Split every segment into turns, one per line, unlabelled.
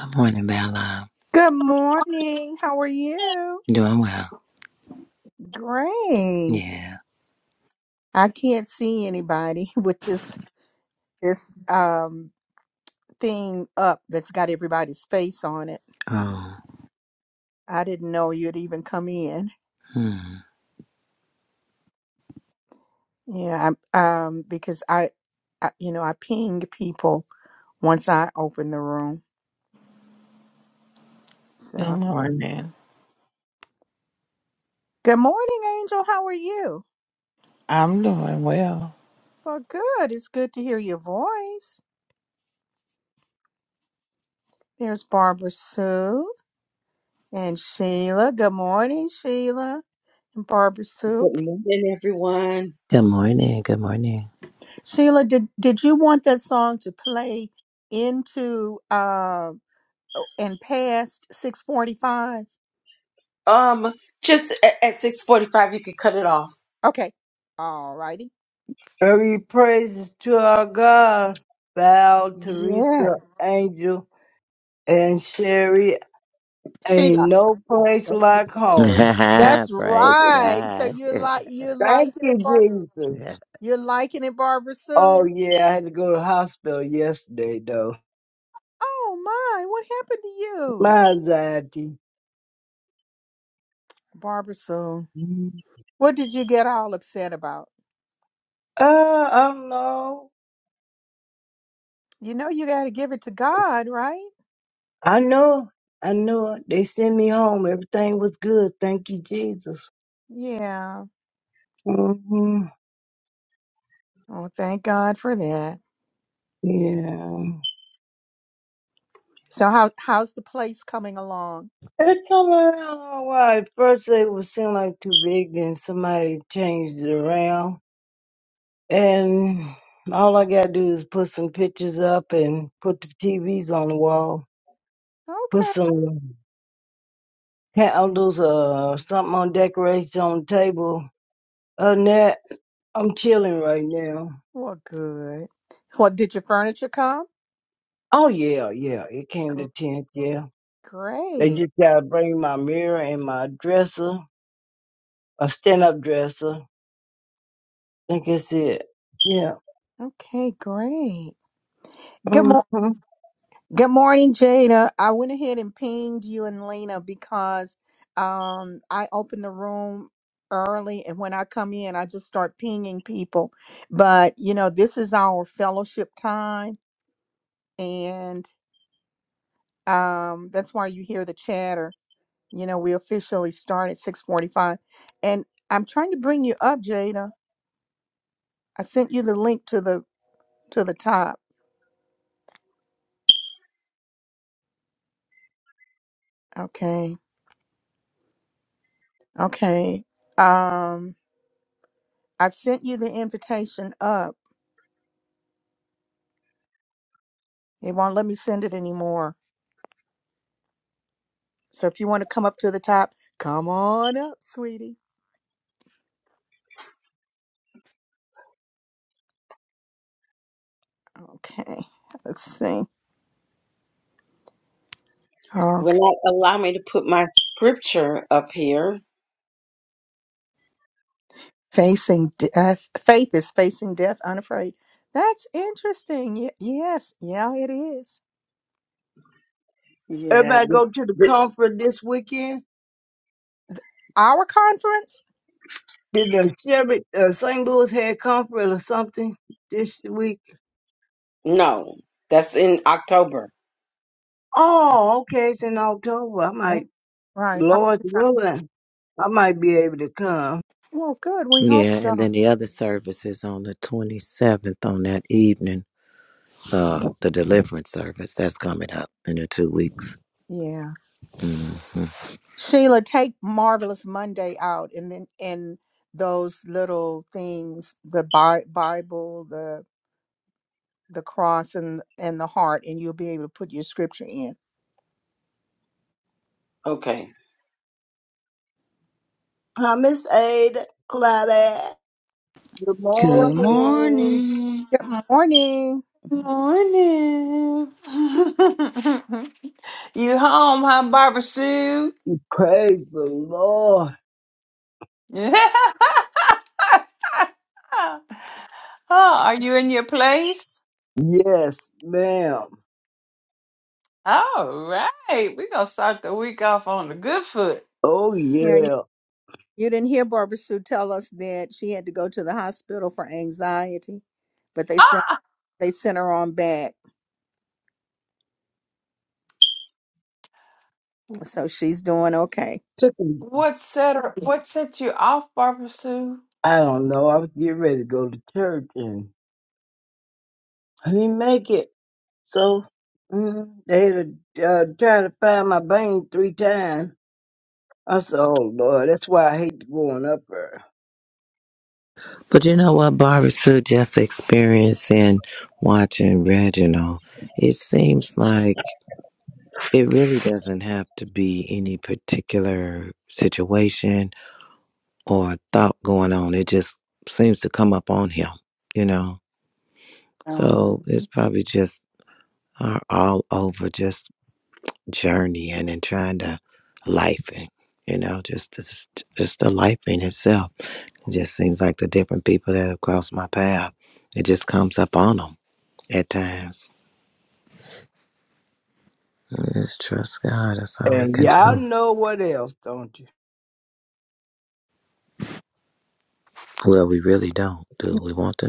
Good morning, Bella.
Good morning. How are you?
Doing well.
Great.
Yeah.
I can't see anybody with this this um thing up that's got everybody's face on it.
Oh.
I didn't know you'd even come in.
Hmm.
Yeah, I, um because I, I you know, I ping people once I open the room.
Good
So,
morning.
good morning, Angel. How are you?
I'm doing well.
Well, good. It's good to hear your voice. There's Barbara Sue and Sheila. Good morning, Sheila and Barbara Sue.
Good morning, everyone.
Good morning. Good morning.
Sheila, did did you want that song to play into uh and past six forty five?
Um, just at, at six forty-five, you could cut it off.
Okay. All righty.
Every praises to our God. Val, Teresa,
Yes.
Angel, and Sherry. Ain't
Sheila.
no place
That's,
like home.
that's
Praise
right. So
God.
you're like you're
Thank
liking it, Barbara.
you,
yeah.
Jesus.
You're liking it, Barbara
Oh,
Sue.
yeah, I had to go to the hospital yesterday, though.
Oh my, what happened to you?
My anxiety.
Barbara Sue.
Uh,
What did you get all upset about?
I don't know.
You know you gotta give it to God, right?
I know. I know. They sent me home. Everything was good. Thank you, Jesus.
Yeah.
hmm
Oh, thank God for that.
Yeah.
So how how's the place coming along?
It come around all right. First, they would seem like too big, then somebody changed it around. And all I got to do is put some pictures up and put the TVs on the wall, put
Okay.
some candles or something on decoration on the table. Other than that, I'm chilling right now.
Well, good. What did your furniture come?
Oh, yeah, yeah. It came
Gr-
to 10th, yeah. They
Great.
just got to bring my mirror and my dresser, a stand up dresser. I think that's it. Yeah.
Okay, great. Good mo-
Mm-hmm.
Good morning, Jada. I went ahead and pinged you and Lena because um I opened the room early and when I come in I just start pinging people. But, you know, this is our fellowship time and um that's why you hear the chatter you know we officially start at 6:45 and I'm trying to bring you up Jada I sent you the link to the to the top okay okay um I've sent you the invitation up it won't let me send it anymore so if you want to come up to the top come on up sweetie okay let's see
Will
okay
not allow me to put my scripture up here.
facing death faith is facing death unafraid that's interesting Ye- yes yeah it is
Yeah,
Everybody go
this,
to the
this,
conference this weekend?
our conference
Did the Chevy, uh, St. Louis had conference or something this week?
no, that's in October.
Oh, okay, it's in October. I might,
Right. I-
Lord's willing, I might be able to come.
Well, good. We hope
Yeah. And
so.
then the other service is on the 27th on that evening. Uh, the deliverance service that's coming up in the two weeks.
Yeah.
hmm
Sheila, take Marvelous Monday out and then and those little things, the Bi- Bible, the the cross and and the heart, and you'll be able to put your scripture in.
Okay.
Hi, Miss Ada, Claudette. Good
Good
Good
morning.
morning.
Good morning.
Morning. you home, huh, Barbara Sue?
Praise the Lord.
Yeah. Oh, are you in your place?
Yes, ma'am.
All right. We're gonna start the week off on the good foot.
Oh,
Yeah, you,
yeah.
you didn't hear Barbara Sue tell us that she had to go to the hospital for anxiety, but they sent they sent her on back. So she's doing okay.
Took me,
What set her, what set you off, Barbara Sue?
I don't know, I was getting ready to go to church and. I didn't make it. So mm, they had to uh, try to find my vein three times. I said, oh, Lord, that's why I hate going up there.
But you know what, Barbara Sue, just experiencing watching Reginald, it seems like it really doesn't have to be any particular situation or thought going on. It just seems to come up on him, you know. So
Um,
it's probably just our all over just journeying and trying to life and you know, just just just the life in itself. It just seems like the different people that have crossed my path, it just comes up on them at times. Just trust God. That's all we
And
can
y'all
do.
know what else, don't you?
Well, we really don't. Do we want to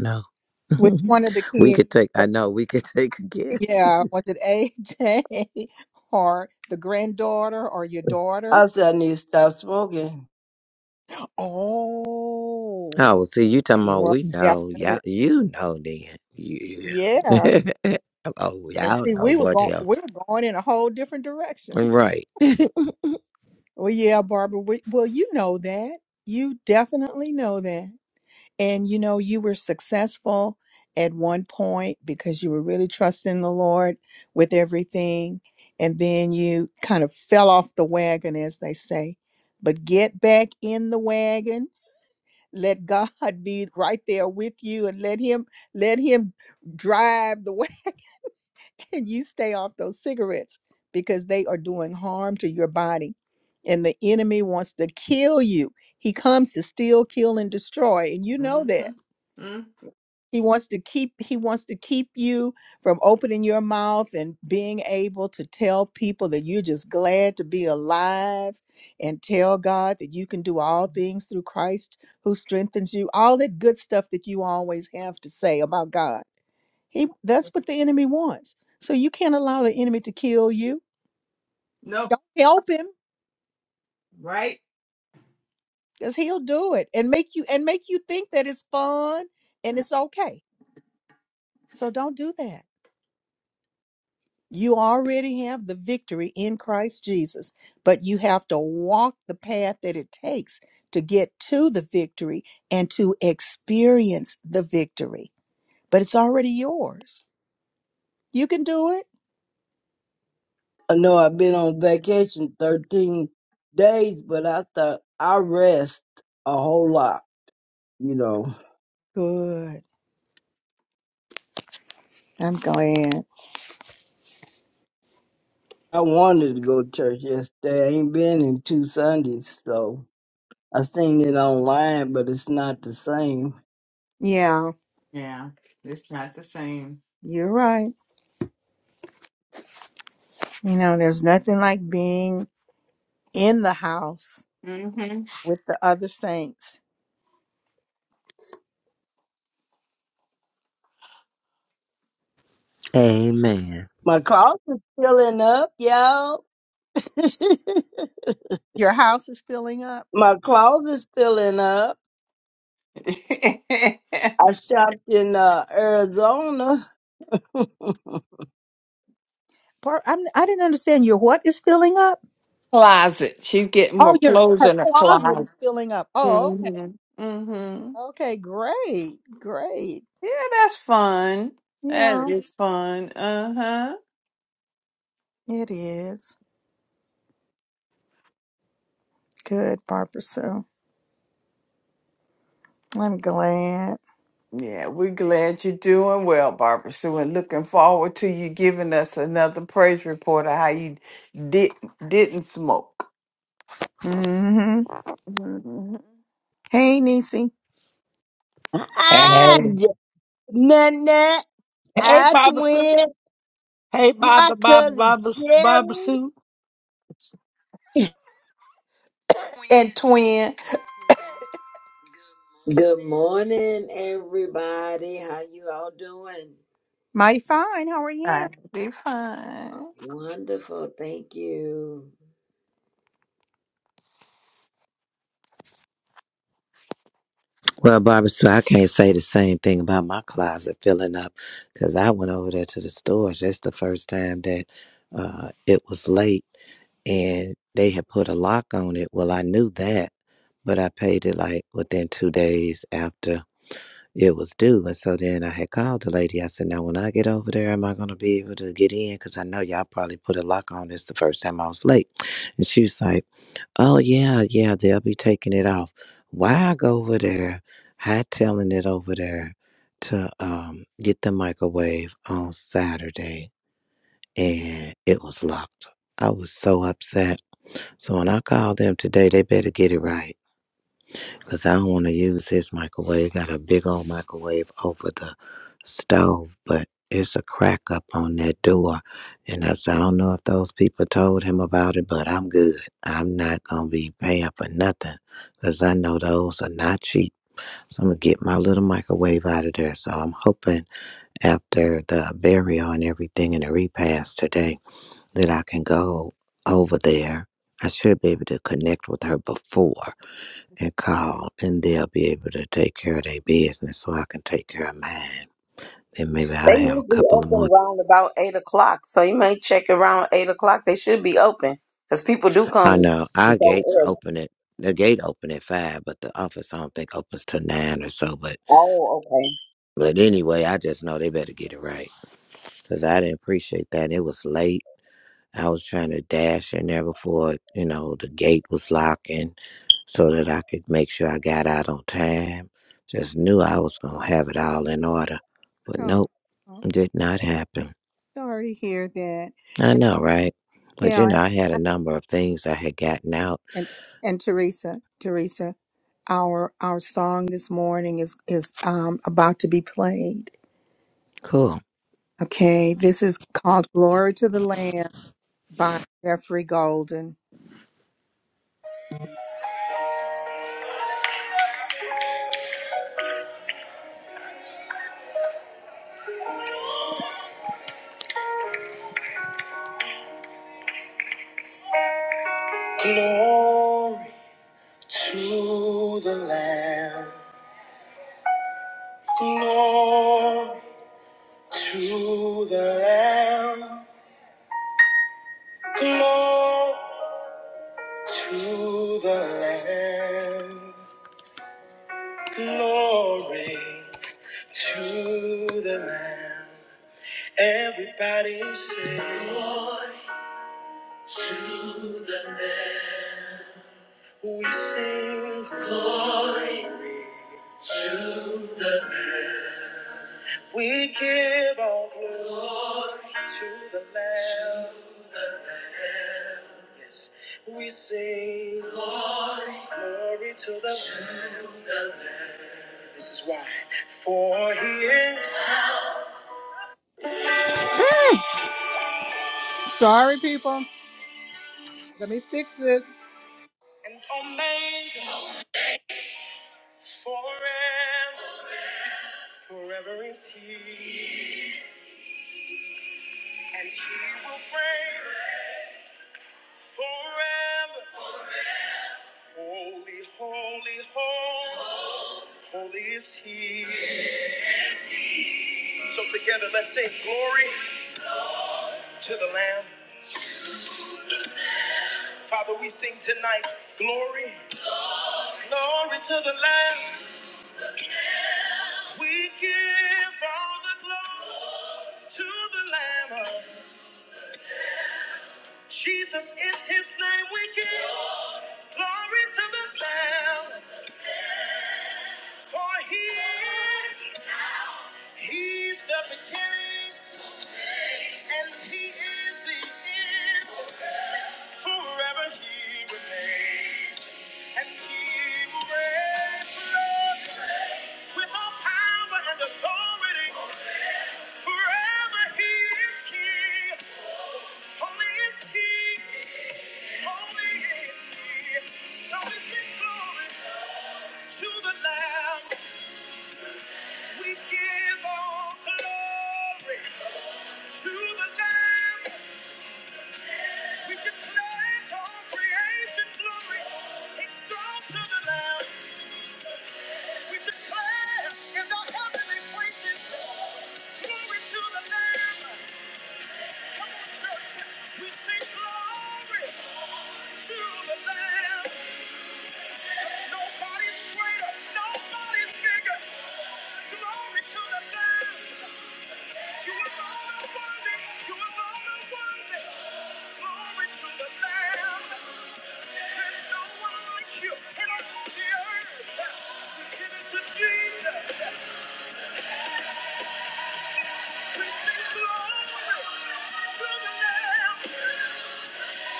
Which
know?
one of the
we could take.
kids?
I know we could take a guess.
Yeah, was it AJ or the granddaughter or your daughter?
I said, I need to stop smoking.
Oh,
Oh,
well, see, you talking
it
about
was
we know,
definitely.
y'all, you know then. Yeah.
Yeah.
oh,
And
y'all
see,
know
we were
what
going we
else.
were going in a whole different direction.
Right.
Well, yeah, Barbara, we, well, you know that. You definitely know that. And you know, you were successful at one point because you were really trusting the Lord with everything. And then you kind of fell off the wagon, as they say. But get back in the wagon. Let God be right there with you and let him let him drive the wagon and you stay off those cigarettes because they are doing harm to your body. And the enemy wants to kill you. He comes to steal, kill, and destroy. And you know
mm-hmm.
that
mm
he wants to keep he wants to keep you from opening your mouth and being able to tell people that you're just glad to be alive and tell God that you can do all things through Christ who strengthens you. All that good stuff that you always have to say about God. He that's what the enemy wants. So you can't allow the enemy to kill you.
Nope.
Don't help him
Right?
cuz he'll do it and make you and make you think that it's fun and it's okay. So don't do that. You already have the victory in Christ Jesus, but you have to walk the path that it takes to get to the victory and to experience the victory. But it's already yours. You can do it.
I know I've been on vacation 13 days, but I thought I rest a whole lot, you know.
Good. I'm glad.
I wanted to go to church yesterday. I ain't been in two Sundays, so I seen it online, but it's not the same.
Yeah,
Yeah. It's not the same.
you're right. You know, there's nothing like being in the house
hmm
with the other saints.
Amen.
My closet's filling up, y'all.
Your house is filling up.
My closet's filling up. I shopped in uh, Arizona.
Par- I'm, I didn't understand your what is filling up.
closet. She's getting more
Oh, your
clothes
her
in her
closet
closet.
is filling up. Oh, okay.
Mm-hmm. Mm-hmm.
Okay, great, great.
Yeah, that's fun. That
Yeah,
is fun. Uh-huh.
it is. Good, Barbara Sue. I'm glad.
Yeah, we're glad you're doing well, Barbara Sue, and looking forward to you giving us another praise report of how you did didn't smoke.
hmm
hmm
Hey, Nisi.
I
And
Nanette,
hey,
I
Baba Sue.
twin,
Hey,
hi
Baba, Baba,
cousin
Baba, Baba
Sherry.
Sue.
And twin.
Good morning, everybody. How you all doing?
Mighty fine. How are you?
Right. Be fine.
Wonderful, thank you.
Well, Barbara, so I can't say the same thing about my closet filling up because I went over there to the stores. That's the first time that uh, it was late and they had put a lock on it. Well, I knew that, but I paid it like within two days after it was due. And so then I had called the lady. I said, Now, when I get over there, am I going to be able to get in? Because I know y'all probably put a lock on this the first time I was late. And she was like, Oh, yeah, yeah, they'll be taking it off. Why I go over there, hightailing it over there to um, get the microwave on Saturday, and it was locked. I was so upset. So when I called them today, they better get it right because I don't want to use his microwave. Got a big old microwave over the stove, but it's a crack up on that door. And I said, I don't know if those people told him about it, but I'm good. I'm not going to be paying for nothing because I know those are not cheap. So I'm going to get my little microwave out of there. So I'm hoping after the burial and everything and the repast today that I can go over there. I should be able to connect with her before and call, and they'll be able to take care of their business so I can take care of mine. And maybe I
They
have a
usually
couple of
open
more.
around about eight o'clock, so you may check around eight o'clock. They should be open because people do come
I know our
and go
gates
early.
open at the gate open at five, but the office I don't think opens till nine or so. But
Oh,
but anyway, I just know they better get it right because I didn't appreciate that. It was late. I was trying to dash in there before you know the gate was locking, so that I could make sure I got out on time. Just knew I was gonna have it all in order, but
Oh,
nope,
oh,
did not happen.
sorry to hear that.
I
And-
know, right? But you
Yeah,
know, I had a
and,
number of things I had gotten out.
and and Teresa, Teresa, our our song this morning is is um about to be played.
Cool.
Okay, this is called "Glory to the Lamb" by Jeffrey Golden. Glory. To the Lamb, glory to the Lamb, glory to the Lamb, glory to the Lamb. Everybody sing, glory to the Lamb. We sing, glory to the Lamb. We give all glory to the Lamb. Yes, we sing glory, glory to the Lamb. This is why, for He is. Sorry, people. Let me fix this. And Omega, forever, forever is He, and He will reign forever. Holy, holy, holy, holy is He. So together, let's sing glory to the Lamb. Father, we sing tonight glory, glory to the Lamb. We give all the glory to the Lamb. Jesus is His name. We give glory to the Lamb, for He is, He's the beginning and He is the end. Forever He remains, and He will reign forever. With all power and authority, forever he is king. Holy is he, holy is he. So is he glorious to the last. We give all glory to the Lamb. We declare to all creation glory. It goes to the Lamb. We declare in the heavenly places glory to the Lamb. Jesus, we sing glory to the Lamb.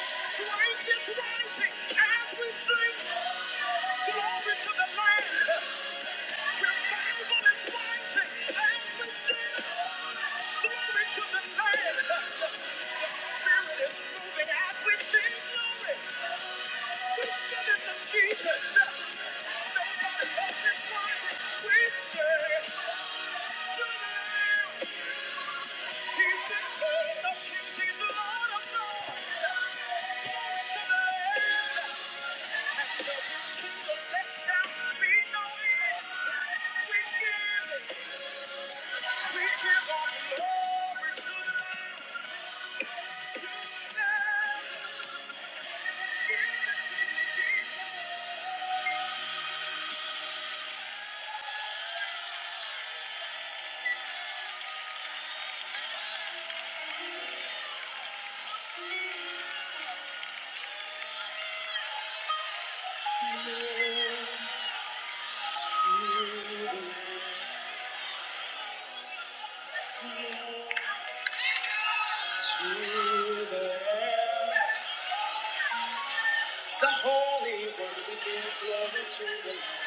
Strength is rising as we sing. Glory to the Lamb. He's The Jesus, nobody else is worthy. We glory to the Lamb. The Holy One, we give glory to the Lamb.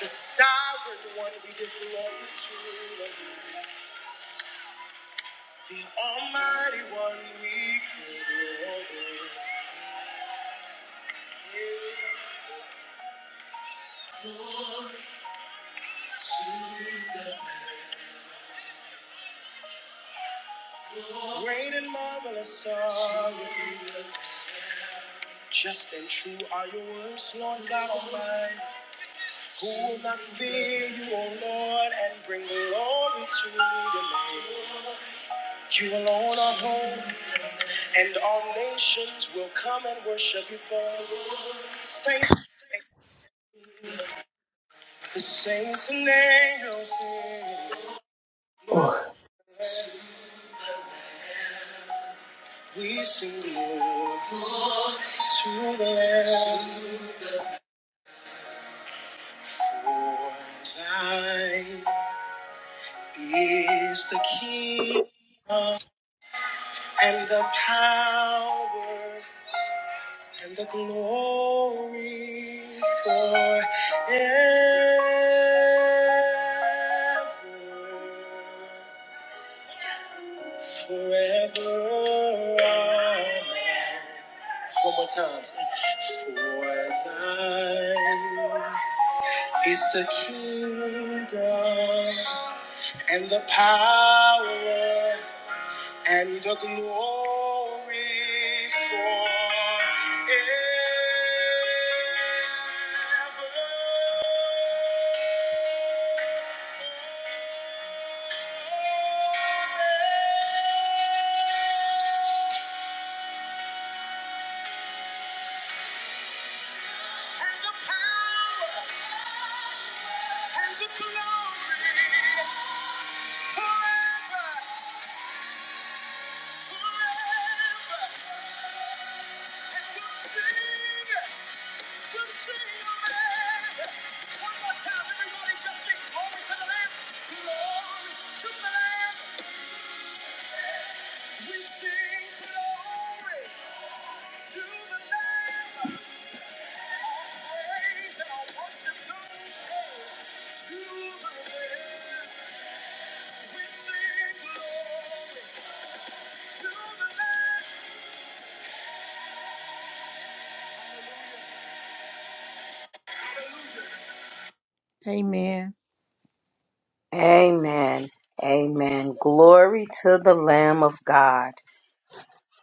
The Sovereign One, we give glory to the Lamb. The Almighty One, we give glory. Great and marvelous are your deeds. Just and true are your words, Lord God Almighty. Who will not fear you, O Lord, and bring glory to your name? You alone are holy, and all nations will come and worship you for you. Saints, the saints and angels sing. Lord,
Oh,
we sing glory to the Lamb for thine. is the kingdom and the power and the glory forever. Forever. Amen. Just one more time. say, For thine is the kingdom and the power and the glory forever. And the power and the glory forever, forever. Amen.
okay. Amen. Amen. Glory to the Lamb of God.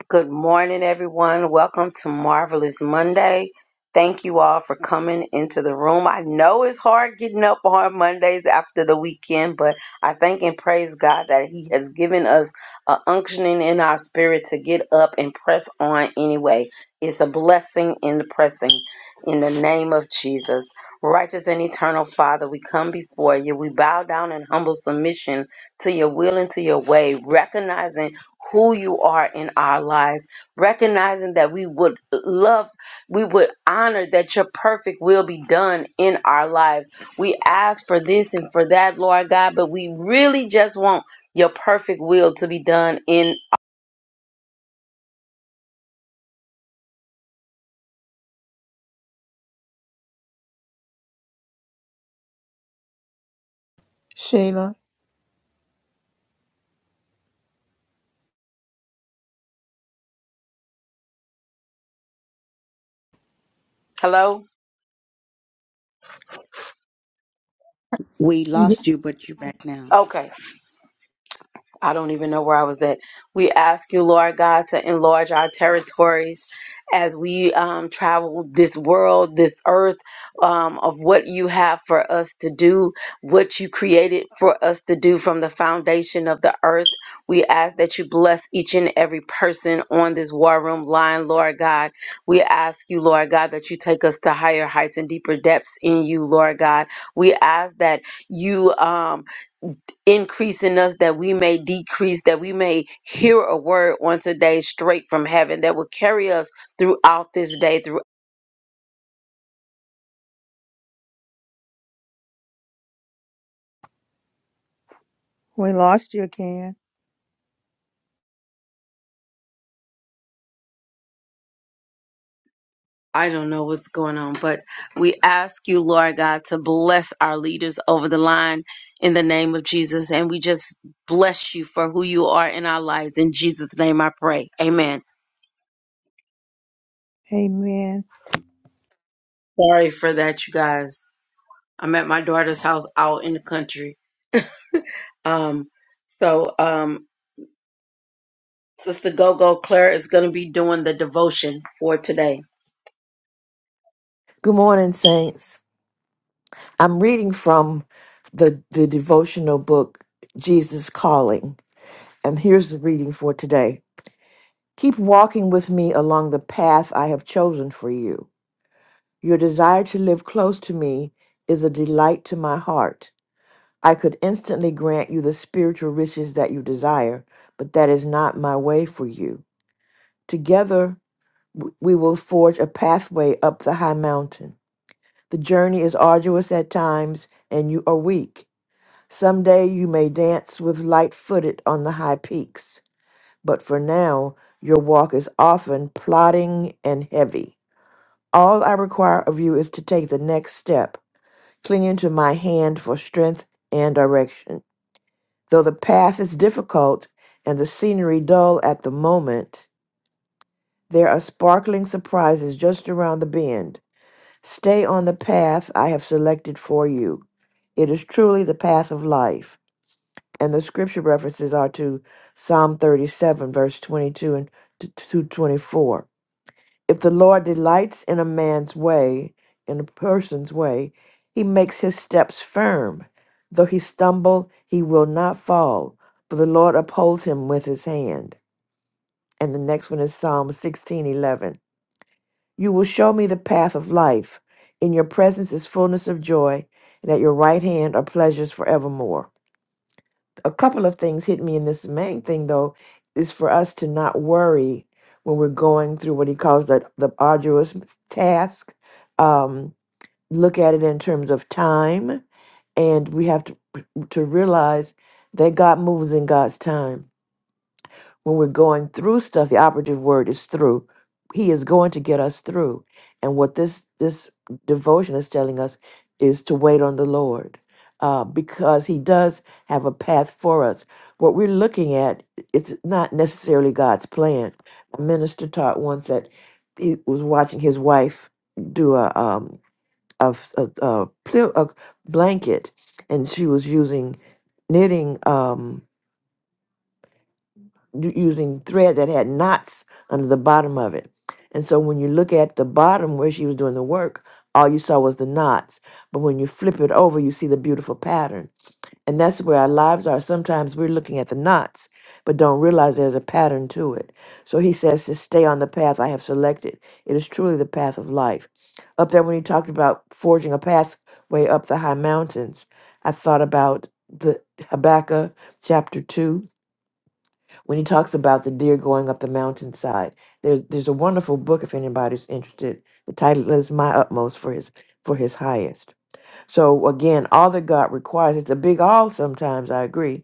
Good morning, everyone. Welcome to Marvelous Monday. Thank you all for coming into the room. I know it's hard getting up on Mondays after the weekend, but I thank and praise God that He has given us a unctioning in our spirit to get up and press on anyway. It's a blessing in the pressing. In the name of Jesus, righteous and eternal Father, we come before you. We bow down in humble submission to your will and to your way, recognizing who you are in our lives, recognizing that we would love, we would honor that your perfect will be done in our lives. We ask for this and for that, Lord God, but we really just want your perfect will to be done in.
Sheila.
Hello?
We lost you, but you're back now.
okay. I don't even know where I was at. We ask you, Lord God, to enlarge our territories as we um, travel this world, this earth, um, of what you have for us to do, what you created for us to do from the foundation of the earth. We ask that you bless each and every person on this war room line, Lord God. We ask you, Lord God, that you take us to higher heights and deeper depths in you, Lord God. We ask that you. Um, increase in us that we may decrease, that we may hear a word on today straight from heaven that will carry us throughout this day, through
We lost you again.
I don't know what's going on, but we ask you, Lord God, to bless our leaders over the line in the name of Jesus. And we just bless you for who you are in our lives. In Jesus' name I pray. Amen.
Amen.
Sorry for that, you guys. I'm at my daughter's house out in the country. Um, so um Sister Gogo Claire is going to be doing the devotion for today.
Good morning, saints. I'm reading from the, the devotional book, Jesus Calling. And here's the reading for today Keep walking with me along the path I have chosen for you. Your desire to live close to me is a delight to my heart. I could instantly grant you the spiritual riches that you desire, but that is not my way for you. Together, w- we will forge a pathway up the high mountain. The journey is arduous at times, and you are weak. Someday you may dance with light footed on the high peaks, but for now your walk is often plodding and heavy. All I require of you is to take the next step, clinging to my hand for strength and direction. Though the path is difficult and the scenery dull at the moment, there are sparkling surprises just around the bend. Stay on the path I have selected for you. It is truly the path of life. and the scripture references are to Psalm 37, verse 22 and t- to 24. If the Lord delights in a man's way, in a person's way, he makes his steps firm. Though he stumble, he will not fall, for the Lord upholds him with his hand. And the next one is Psalm 16, 11. You will show me the path of life. In your presence is fullness of joy, and at your right hand are pleasures forevermore. a couple of things hit me, In this main thing though is for us to not worry when we're going through what he calls the the arduous task. Um, look at it in terms of time, and we have to to realize that God moves in God's time when we're going through stuff the operative word is through he is going to get us through and what this this devotion is telling us is to wait on the lord uh, because he does have a path for us what we're looking at it's not necessarily god's plan a minister taught once that he was watching his wife do a um a, f- a, a pl- a blanket and she was using knitting Um, u- using thread that had knots under the bottom of it. And so when you look at the bottom where she was doing the work, all you saw was the knots. But when you flip it over, you see the beautiful pattern. And that's where our lives are. Sometimes we're looking at the knots, but don't realize there's a pattern to it. So he says to stay on the path I have selected. It is truly the path of life. Up there, when he talked about forging a pathway up the high mountains, I thought about the Habakkuk chapter 2 when he talks about the deer going up the mountainside. There's there's a wonderful book if anybody's interested. The title is My Utmost for His for His Highest. So again, all that God requires, it's a big all sometimes, I agree.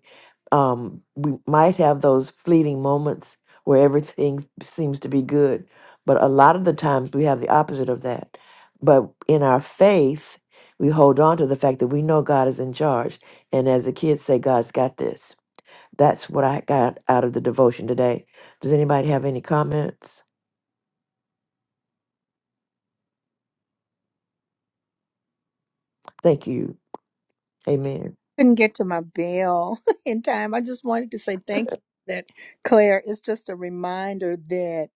Um, we might have those fleeting moments where everything seems to be good, but a lot of the times we have the opposite of that. But in our faith, we hold on to the fact that we know God is in charge. And as the kids say, God's got this. That's what I got out of the devotion today. Does anybody have any comments? Thank you. Amen.
Couldn't get to my bell in time. I just wanted to say thank you for that Claire. It's just a reminder that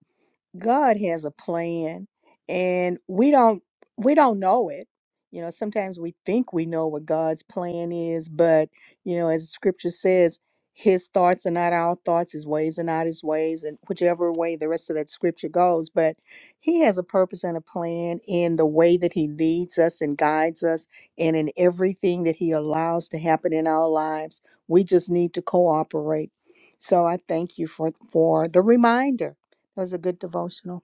God has a plan and we don't we don't know it. You know, sometimes we think we know what God's plan is, but you know, as scripture says, his thoughts are not our thoughts, his ways are not his ways, and whichever way the rest of that scripture goes, but he has a purpose and a plan in the way that he leads us and guides us and in everything that he allows to happen in our lives. We just need to cooperate. So I thank you for for the reminder that was a good devotional.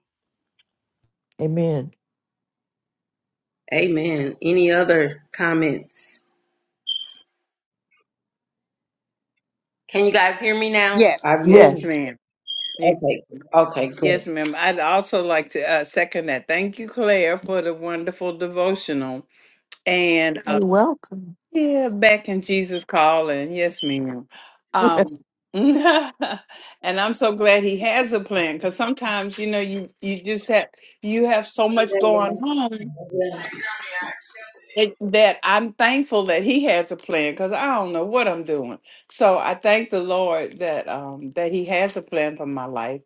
Amen.
Amen. Any other comments? Can you guys hear me now? I've
Yes.
Yes,
moved.
Yes.
ma'am. Yes,
Okay. Okay, good.
yes, ma'am. I'd also like to uh, second that. Thank you, Claire, for the wonderful devotional. and.
You're welcome.
Yeah, back in Jesus calling. Yes, ma'am.
and
Um, and I'm so glad he has a plan because sometimes you know you you just have you have so much going on that, that I'm thankful that he has a plan because I don't know what I'm doing. So I thank the Lord that um that he has a plan for my life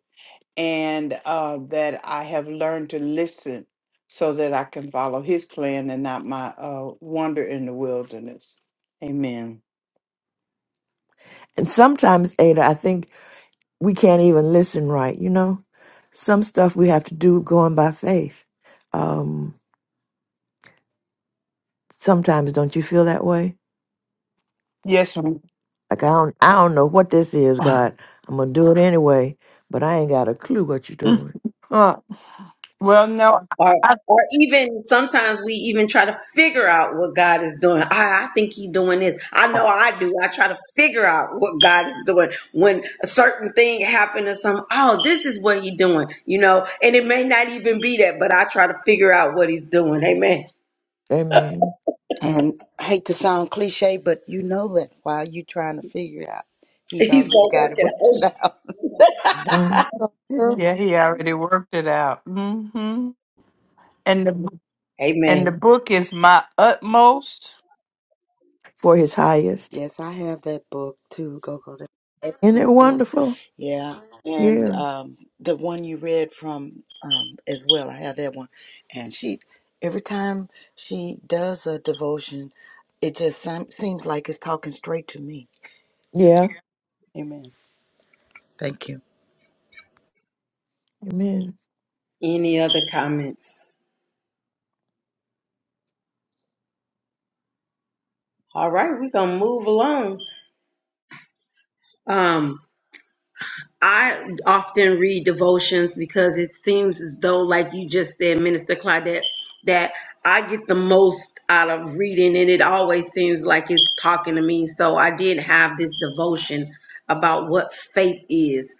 and uh that I have learned to listen so that I can follow his plan and not my uh wander in the wilderness. Amen.
sometimes, Ada, I think we can't even listen right, you know? Some stuff we have to do going by faith. Um, sometimes don't you feel that way?
Yes, ma'am.
Like I don't I don't know what this is, God. I'm gonna do it anyway, but I ain't got a clue what you're doing. Huh.
Well, no,
Or,
I,
or even sometimes we even try to figure out what God is doing. I, I think He's doing this. I know I do. I try to figure out what God is doing when a certain thing happened or something. Oh, this is what He's doing, you know. And it may not even be that, but I try to figure out what He's doing. Amen.
Amen.
And I hate to sound cliche, but you know that while you're trying to figure it out, he's
He's
already
gonna
got
work
it worked it
it
out.
Mm.
out.
So true.
yeah, he already worked it out. hmm And the and the
Amen.
book is my utmost.
For his highest.
yes, I have that book too, Go Go. That's an
Isn't it
excellent book.
wonderful?
Yeah,
Yeah.
and um, the one you read from um, as well. I have that one, and she every time she does a devotion, it just sem- seems like it's talking straight to me.
Yeah.
Amen. Thank you.
Amen.
Any other comments? All right, we're gonna move along. Um, I often read devotions because it seems as though, like you just said, Minister Claudette, that I get the most out of reading, and it always seems like it's talking to me. So I did have this devotion about what faith is.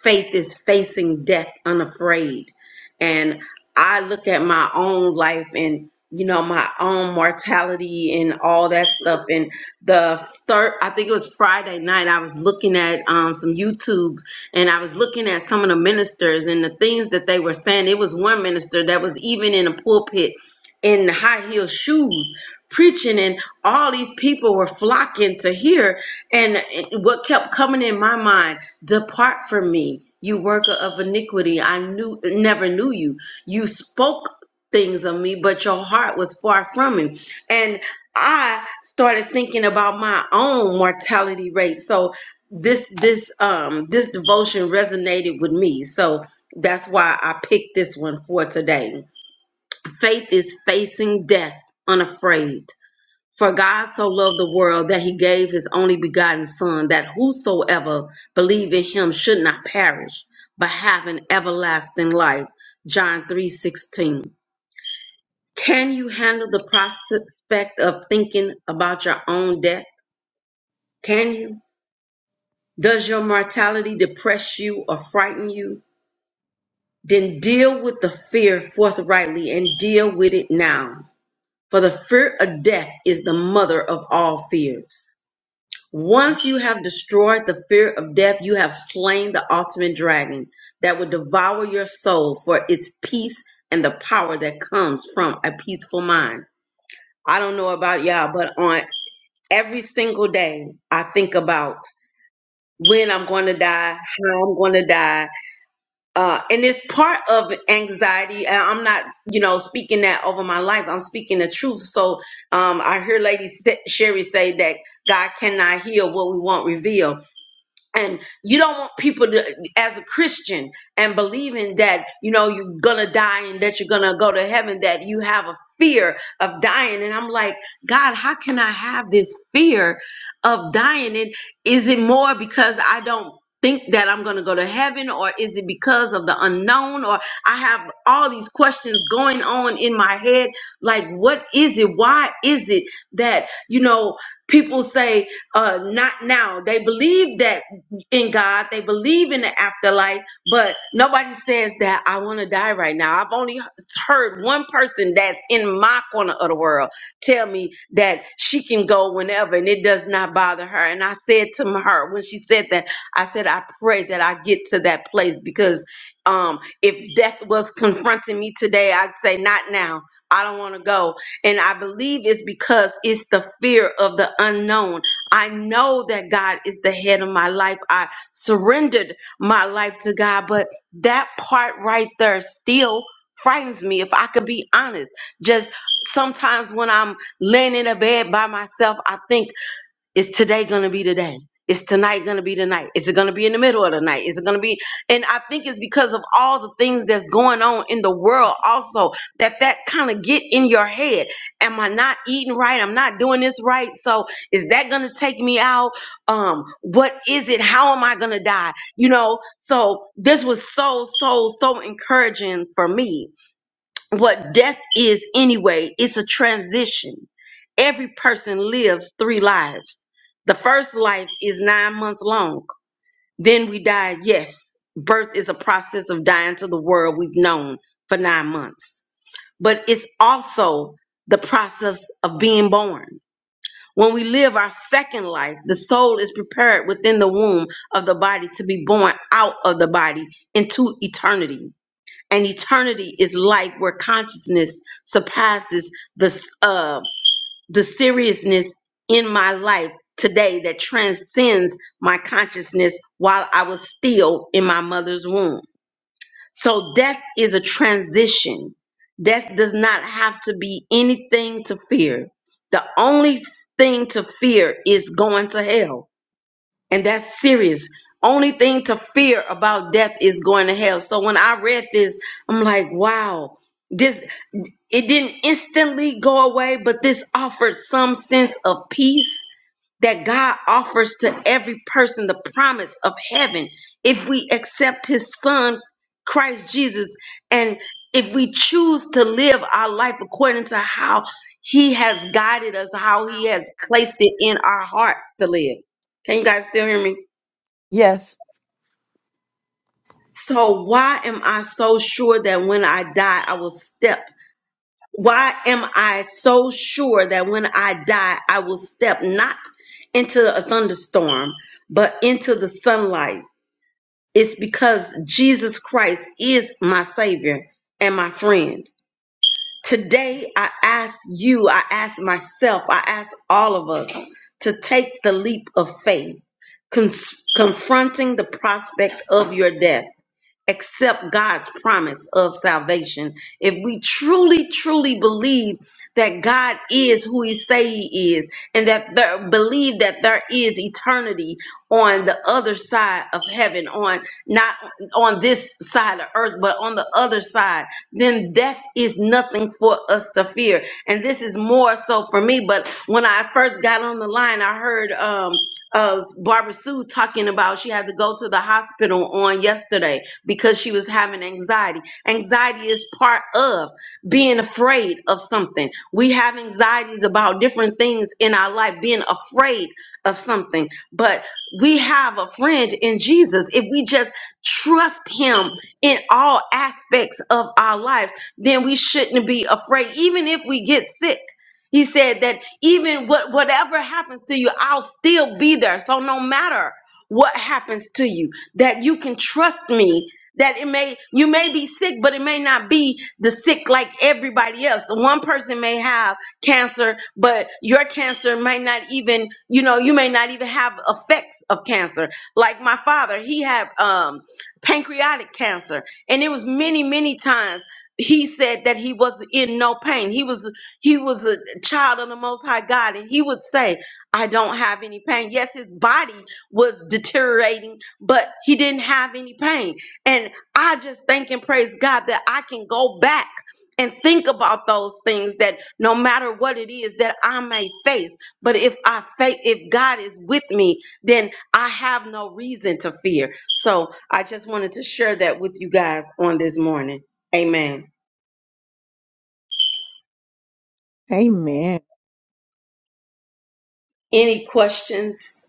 Faith is facing death unafraid. And I look at my own life and you know my own mortality and all that stuff and the third i think it was friday night i was looking at um, some youtube and I was looking at some of the ministers and the things that they were saying. It was one minister that was even in a pulpit in high heel shoes preaching and all these people were flocking to hear and what kept coming in my mind depart from me you worker of iniquity i knew never knew you you spoke things of me but your heart was far from me and i started thinking about my own mortality rate so this this um this devotion resonated with me so that's why i picked this one for today faith is facing death unafraid for god so loved the world that he gave his only begotten son that whosoever believe in him should not perish but have an everlasting life john 3 16. can you handle the prospect of thinking about your own death can you does your mortality depress you or frighten you then deal with the fear forthrightly and deal with it now. For the fear of death is the mother of all fears. Once you have destroyed the fear of death, you have slain the ultimate dragon that would devour your soul for its peace and the power that comes from a peaceful mind. I don't know about y'all, but on every single day, I think about when I'm going to die, how I'm going to die, uh, and it's part of anxiety. And I'm not, you know, speaking that over my life. I'm speaking the truth. So um, I hear Lady Sa- Sherry say that God cannot heal what we won't reveal and you don't want people to as a christian and believing that you know you're gonna die and that you're gonna go to heaven that you have a fear of dying and i'm like god how can i have this fear of dying and is it more because i don't think that i'm gonna go to heaven or is it because of the unknown or i have all these questions going on in my head like what is it why is it that you know people say uh, not now. They believe that in God, they believe in the afterlife, but nobody says that I want to die right now. I've only heard one person that's in my corner of the world tell me that she can go whenever and it does not bother her. And I said to m- her when she said that, I said, I pray that I get to that place because um, if death was confronting me today, I'd say, Not now. I don't want to go. And I believe it's because it's the fear of the unknown. I know that God is the head of my life. I surrendered my life to God, but that part right there still frightens me if I could be honest. Just sometimes when I'm laying in a bed by myself, I think is today going to be the day? Is tonight going to be the night? Is it going to be in the middle of the night? Is it going to be? And I think it's because of all the things that's going on in the world also that that kind of get in your head. Am I not eating right? I'm not doing this right. So is that going to take me out? Um, what is it? How am I going to die? You know, so this was so, so, so encouraging for me what death is anyway. It's a transition. Every person lives three lives. The first life is nine months long. Then we die. Yes, birth is a process of dying to the world we've known for nine months, but it's also the process of being born. When we live our second life, the soul is prepared within the womb of the body to be born out of the body into eternity and eternity is life where consciousness surpasses the uh, the seriousness in my life today that transcends my consciousness while I was still in my mother's womb. So death is a transition. Death does not have to be anything to fear. The only thing to fear is going to hell and that's serious. Only thing to fear about death is going to hell. So when I read this, I'm like, wow, this it didn't instantly go away, but this offered some sense of peace that God offers to every person the promise of heaven if we accept his son Christ Jesus and if we choose to live our life according to how he has guided us, how he has placed it in our hearts to live. Can you guys still hear me?
Yes.
So why am I so sure that when I die, I will step? Why am I so sure that when I die, I will step not into a thunderstorm, but into the sunlight? It's because Jesus Christ is my Savior and my friend. Today, I ask you, I ask myself, I ask all of us to take the leap of faith, cons- confronting the prospect of your death accept God's promise of salvation, if we truly, truly believe that God is who He say He is, and that there, believe that there is eternity on the other side of heaven, on not on this side of earth, but on the other side, then death is nothing for us to fear. And this is more so for me. But when I first got on the line, I heard um, uh, Barbara Sue talking about she had to go to the hospital on yesterday because she was having anxiety. Anxiety is part of being afraid of something. We have anxieties about different things in our life, being afraid of something. But we have a friend in Jesus. If we just trust him in all aspects of our lives, then we shouldn't be afraid, even if we get sick. He said that even what whatever happens to you, I'll still be there. So no matter what happens to you, that you can trust me that it may you may be sick but it may not be the sick like everybody else one person may have cancer but your cancer may not even you know you may not even have effects of cancer like my father he had um pancreatic cancer and it was many many times he said that he was in no pain he was he was a child of the most high god and he would say i don't have any pain yes his body was deteriorating but he didn't have any pain and I just thank and praise God that I can go back and think about those things that no matter what it is that I may face, but if I face, if God is with me, then I have no reason to fear. So I just wanted to share that with you guys on this morning. Amen.
Amen.
Any questions?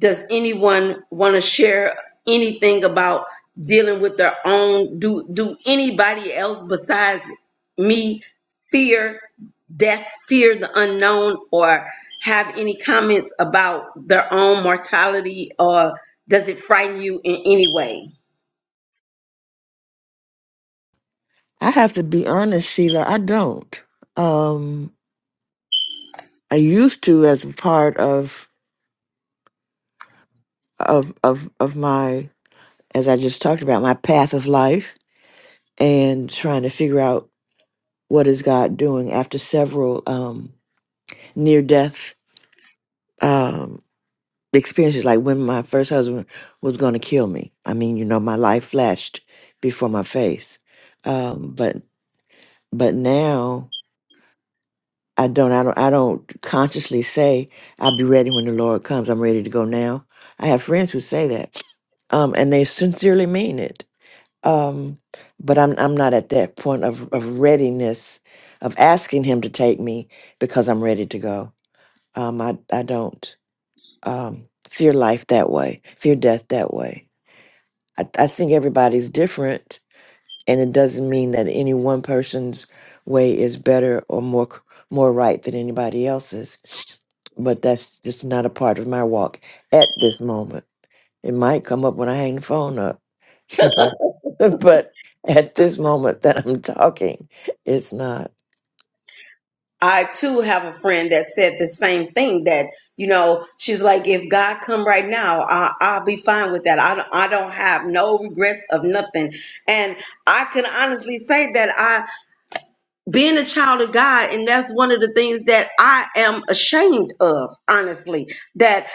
Does anyone want to share anything about dealing with their own? Do do anybody else besides me fear death, fear the unknown, or have any comments about their own mortality, or does it frighten you in any way?
I have to be honest, Sheila. I don't. Um, I used to as a part of of of of my as I just talked about my path of life and trying to figure out what is God doing after several um near death um experiences like when my first husband was going to kill me. I mean, you know, my life flashed before my face. Um but but now I don't, I don't, I don't consciously say I'll be ready when the Lord comes. I'm ready to go now. I have friends who say that, um, and they sincerely mean it. Um, but I'm, I'm not at that point of, of readiness of asking Him to take me because I'm ready to go. Um, I, I don't um, fear life that way, fear death that way. I, I think everybody's different and it doesn't mean that any one person's way is better or more c- more right than anybody else's but that's just not a part of my walk at this moment it might come up when i hang the phone up you know but at this moment that i'm talking it's not
I too have a friend that said the same thing that you know she's like if God come right now I, I'll be fine with that I don't, I don't have no regrets of nothing and I can honestly say that I being a child of God and that's one of the things that I am ashamed of honestly that.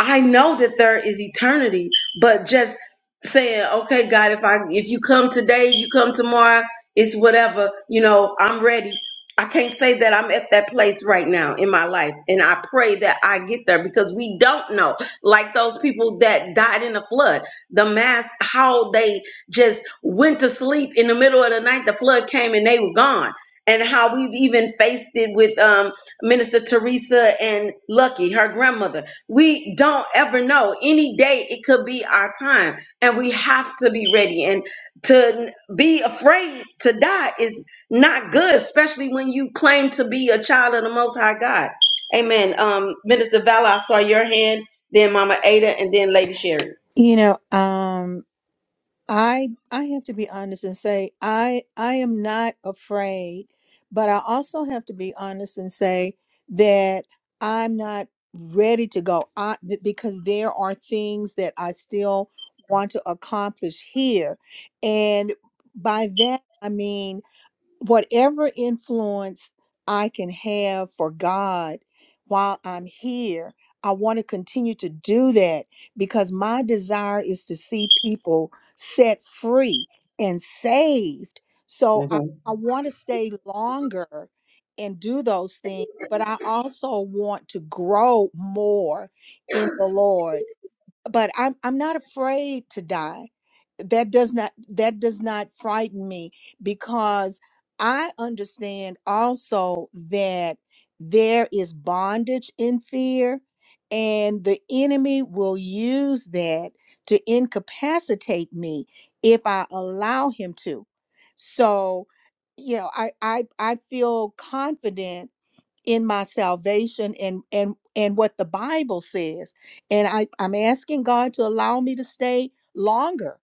I know that there is eternity, but just saying, okay, God, if I if you come today, you come tomorrow, it's whatever, you know, I'm ready. I can't say that I'm at that place right now in my life. And I pray that I get there because we don't know. Like those people that died in the flood, the mass, how they just went to sleep in the middle of the night, the flood came and they were gone. And how we've even faced it with um, Minister Teresa and Lucky, her grandmother we don't ever know. Any day it could be our time, and we have to be ready. And to n- be afraid to die is not good, especially when you claim to be a child of the Most High God. Amen. Um, Minister Vala, I saw your hand, then Mama Ada, and then Lady Sherry.
You know, um, I I have to be honest and say I I am not afraid, but I also have to be honest and say that I'm not ready to go. I th- because there are things that I still want to accomplish here, and by that I mean whatever influence I can have for God while I'm here, I want to continue to do that because my desire is to see people set free and saved. So I, I want to stay longer and do those things, but I also want to grow more in the Lord but I'm I'm not afraid to die. That does not that does not frighten me because I understand also that there is bondage in fear and the enemy will use that to incapacitate me if I allow him to. So, you know, I I I feel confident in my salvation and and and what the bible says and i i'm asking god to allow me to stay longer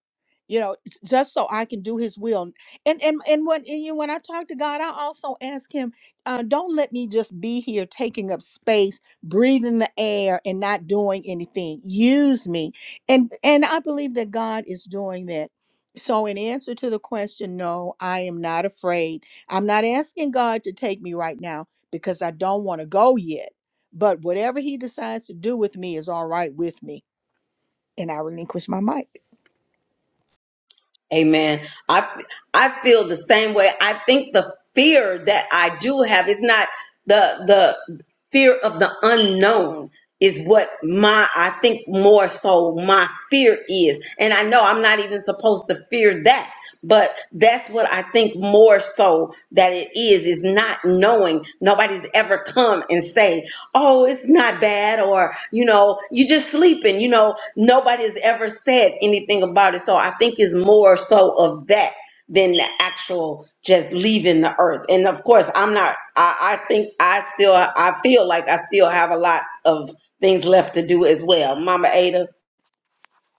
you know j- just so i can do his will and and and when and, you know, when i talk to god i also ask him uh, don't let me just be here taking up space breathing the air and not doing anything use me and and i believe that god is doing that so in answer to the question no i am not afraid i'm not asking god to take me right now because I don't want to go yet. But whatever he decides to do with me is all right with me. And I relinquish my mic.
Amen. I I feel the same way. I think the fear that I do have is not the the fear of the unknown is what my I think more so my fear is. And I know I'm not even supposed to fear that, but that's what I think more so that it is is not knowing. Nobody's ever come and say, oh, it's not bad, or, you know, you're just sleeping. You know, nobody has ever said anything about it. So I think it's more so of that than the actual just leaving the earth. And of course, I'm not, I, I think I still, I feel like I still have a lot of things left to do as well. Mama Ada,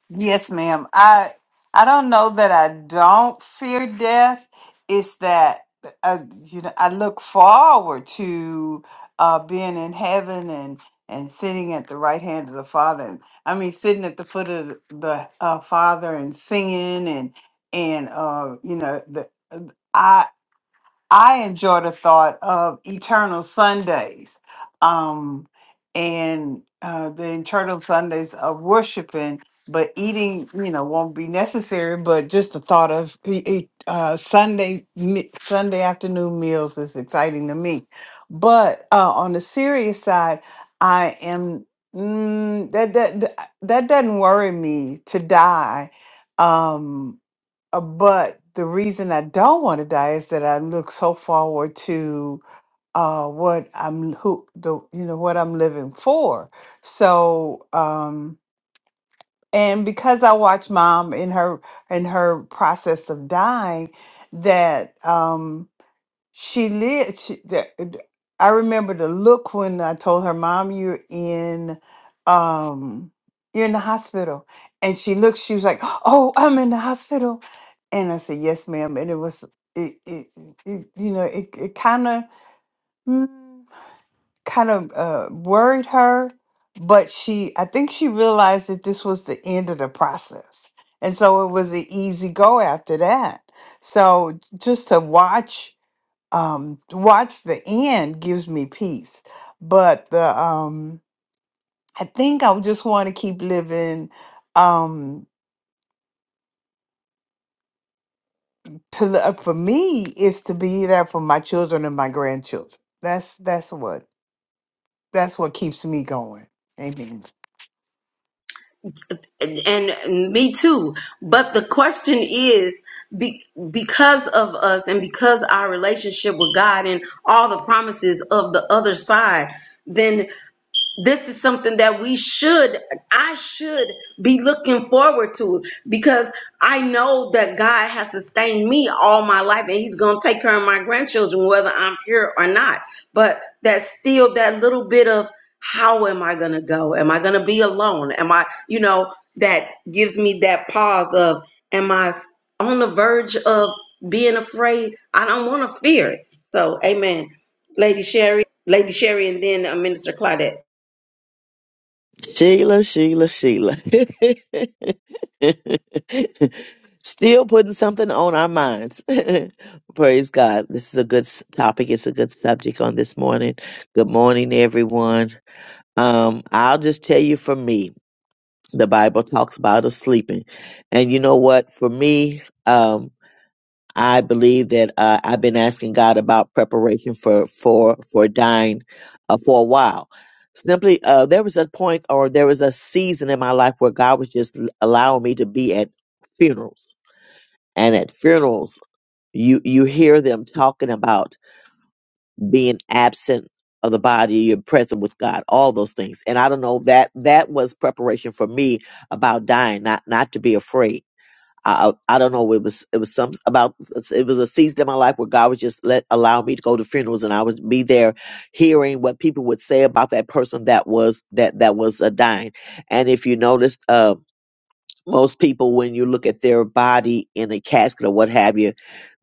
Yes, ma'am. I I don't know that I don't fear death. It's that uh, you know I look forward to uh, being in heaven and and sitting at the right hand of the Father. I mean, sitting at the foot of the uh, Father and singing and and uh, you know the. I enjoy the thought of eternal Sundays, um, and uh, the eternal Sundays of worshiping. But eating, you know, won't be necessary. But just the thought of e- e- uh, Sunday me- Sunday afternoon meals is exciting to me. But uh, on the serious side, I am mm, that that that doesn't worry me to die. Um, uh, but the reason I don't want to die is that I look so forward to uh, what I'm who the you know what I'm living for. So um, and because I watch mom in her in her process of dying, that um, she lived. She, that, I remember the look when I told her, "Mom, you're in." Um, you're in the hospital and she looked she was like oh i'm in the hospital and I said, yes, ma'am. And it was, it, it, it you know, it, it kind of, kind of uh, worried her, but she, I think she realized that this was the end of the process. And so it was an easy go after that. So just to watch, um, watch the end gives me peace. But the, um, I think I just want to keep living. Um, to lo- uh, for me is to be there for my children and my grandchildren. That's that's what that's what keeps me going. Amen.
and, and me too. But the question is, be, because of us and because our relationship with God and all the promises of the other side, then this is something that we should i should be looking forward to because i know that god has sustained me all my life and he's going to take care of my grandchildren whether i'm here or not but that's still that little bit of how am i going to go am i going to be alone am i you know that gives me that pause of am i on the verge of being afraid i don't want to fear it so amen lady sherry lady sherry and then uh, minister claudette
Sheila, Sheila, Sheila. Still putting something on our minds. Praise God. This is a good s- topic. It's a good subject on this morning. Good morning, everyone. Um, I'll just tell you for me, the Bible talks about us sleeping. And you know what? For me, um, I believe that uh, I've been asking God about preparation for for for dying uh, for a while. Simply, uh, there was a point or there was a season in my life where God was just l- allowing me to be at funerals, and at funerals, you you hear them talking about being absent of the body, you're present with God, all those things. And I don't know that that was preparation for me about dying, not not to be afraid I I don't know. It was it was some about it was a season in my life where God was just let allow me to go to funerals and I would be there, hearing what people would say about that person that was that that was uh, dying. And if you noticed, um most people when you look at their body in a casket or what have you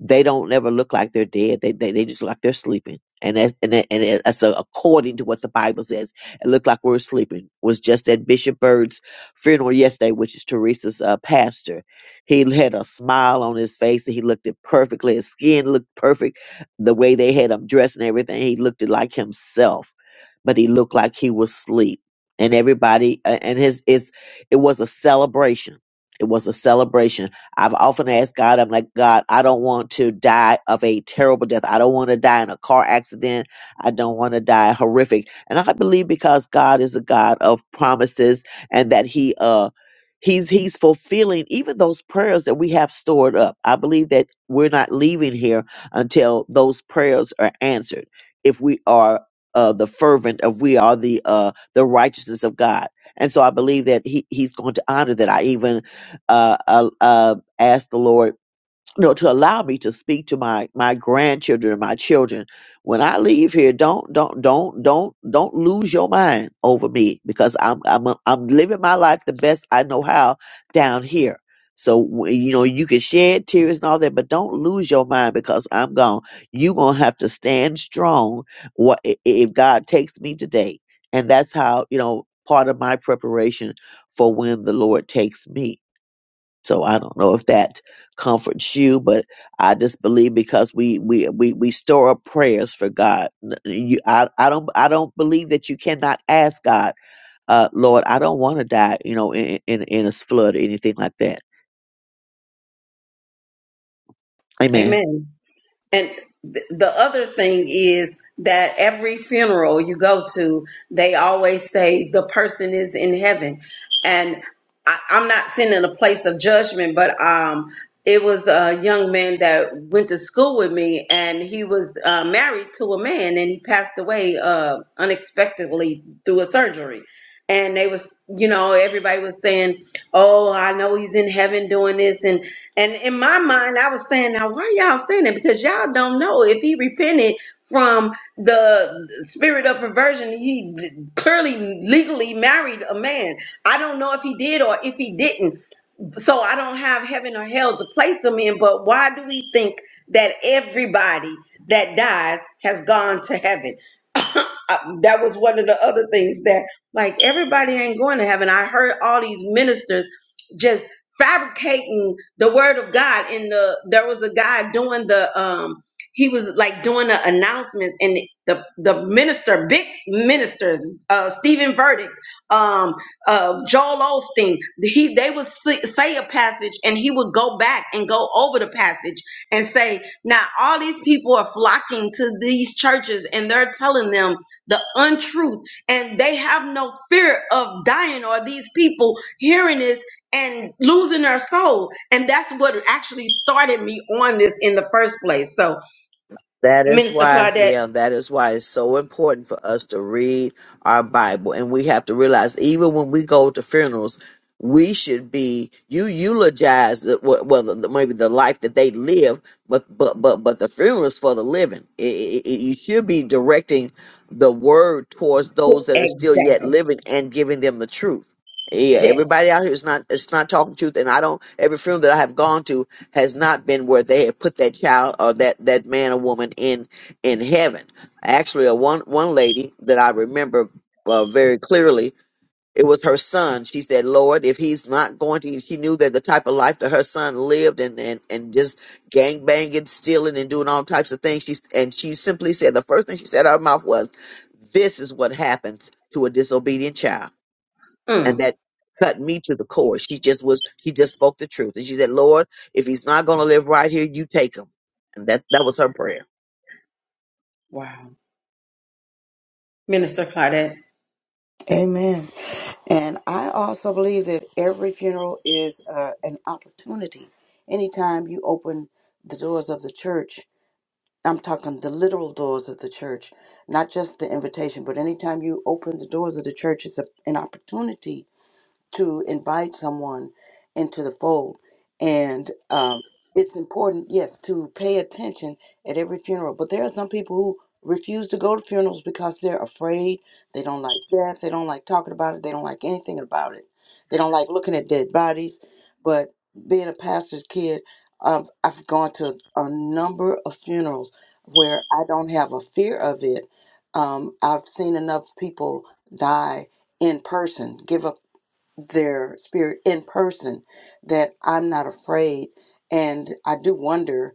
they don't ever look like they're dead they they, they just look like they're sleeping and that's and, that, and that- that's uh, according to what the bible says it looked like we were sleeping It was just at bishop bird's funeral yesterday which is teresa's uh, pastor he had a smile on his face and he looked it perfectly his skin looked perfect the way they had him dressed and everything he looked it like himself but he looked like he was asleep and everybody uh, and his is it was a celebration. It was a celebration. I've often asked God, I'm like, God, I don't want to die of a terrible death. I don't want to die in a car accident. I don't want to die horrific. And I believe because God is a God of promises and that He uh He's He's fulfilling even those prayers that we have stored up. I believe that we're not leaving here until those prayers are answered. If we are uh, the fervent, if we are the uh, the righteousness of God. And so I believe that he, he's going to honor that. I even uh, uh, uh, asked the Lord no, to allow me to speak to my my grandchildren and my children. When I leave here, don't don't don't don't don't lose your mind over me because I'm I'm I'm living my life the best I know how down here. So w- you know you can shed tears and all that, but don't lose your mind because I'm gone. You gonna have to stand strong. What if God takes me today? And that's how you know part of my preparation for when the Lord takes me so I don't know if that comforts you, but I just believe because we we we, we store up prayers for God. N- You, I I don't I don't believe that you cannot ask God, uh, Lord, I don't want to die, you know, in in, in a flood or anything like that. Amen.
Amen. And th- the other thing is that every funeral you go to, they always say the person is in heaven. And I, I'm not sitting in a place of judgment, but um, it was a young man that went to school with me, and he was uh, married to a man, and he passed away uh, unexpectedly through a surgery. And they was, you know, everybody was saying, "Oh, I know he's in heaven doing this," and and in my mind, I was saying, now why y'all saying that? Because y'all don't know if he repented from the spirit of perversion. He clearly legally married a man. I don't know if he did or if he didn't. So I don't have heaven or hell to place him in. But why do we think that everybody that dies has gone to heaven? I, that was one of the other things that like everybody ain't going to heaven. I heard all these ministers just fabricating the word of God in the there was a guy doing the um he was like doing the announcements and the the minister big ministers uh Stephen Verdict um uh Joel Osteen he they would say say a passage and he would go back and go over the passage and say now all these people are flocking to these churches and they're telling them the untruth, and they have no fear of dying or these people hearing this and losing their soul. And that's what actually started me on this in the first place. So,
That is
Minister
why,
Claudette,
yeah, that is why it's so important for us to read our Bible. And we have to realize, even when we go to funerals, we should be you eulogize the, well well, the, the- maybe the life that they live, but but but but the funeral is for the living. I i i you should be directing the word towards those that are still yet
exactly.
living and giving them the truth. Yeah,
Yes.
everybody out here is not it's not talking truth, and I don't every funeral that I have gone to has not been where they have put that child or that that man or woman in in heaven. Actually, a one one lady that I remember uh, very clearly, it was her son. She said, "Lord, if he's not going to," she knew that the type of life that her son lived and and and just gang banging, stealing, and doing all types of things. She and she simply said the first thing she said out of her mouth was, "This is what happens to a disobedient child." and
Mm.
that cut me to the core. She just was, she just spoke the truth. And she said, Lord, if he's not going to live right here, you take him. And that, that was her prayer.
Wow. Minister Claudette.
Amen. And I also believe that every funeral is uh, an opportunity. Anytime you open the doors of the church, I'm talking the literal doors of the church, not just the invitation, but anytime you open the doors of the church, it's a, an opportunity to invite someone into the fold. And um, it's important, yes, to pay attention at every funeral. But there are some people who refuse to go to funerals because they're afraid. They don't like death. They don't like talking about it. They don't like anything about it. They don't like looking at dead bodies. But being a pastor's kid, um, I've gone to a number of funerals where I don't have a fear of it. Um, I've seen enough people die in person, give up their spirit in person that I'm not afraid. And I do wonder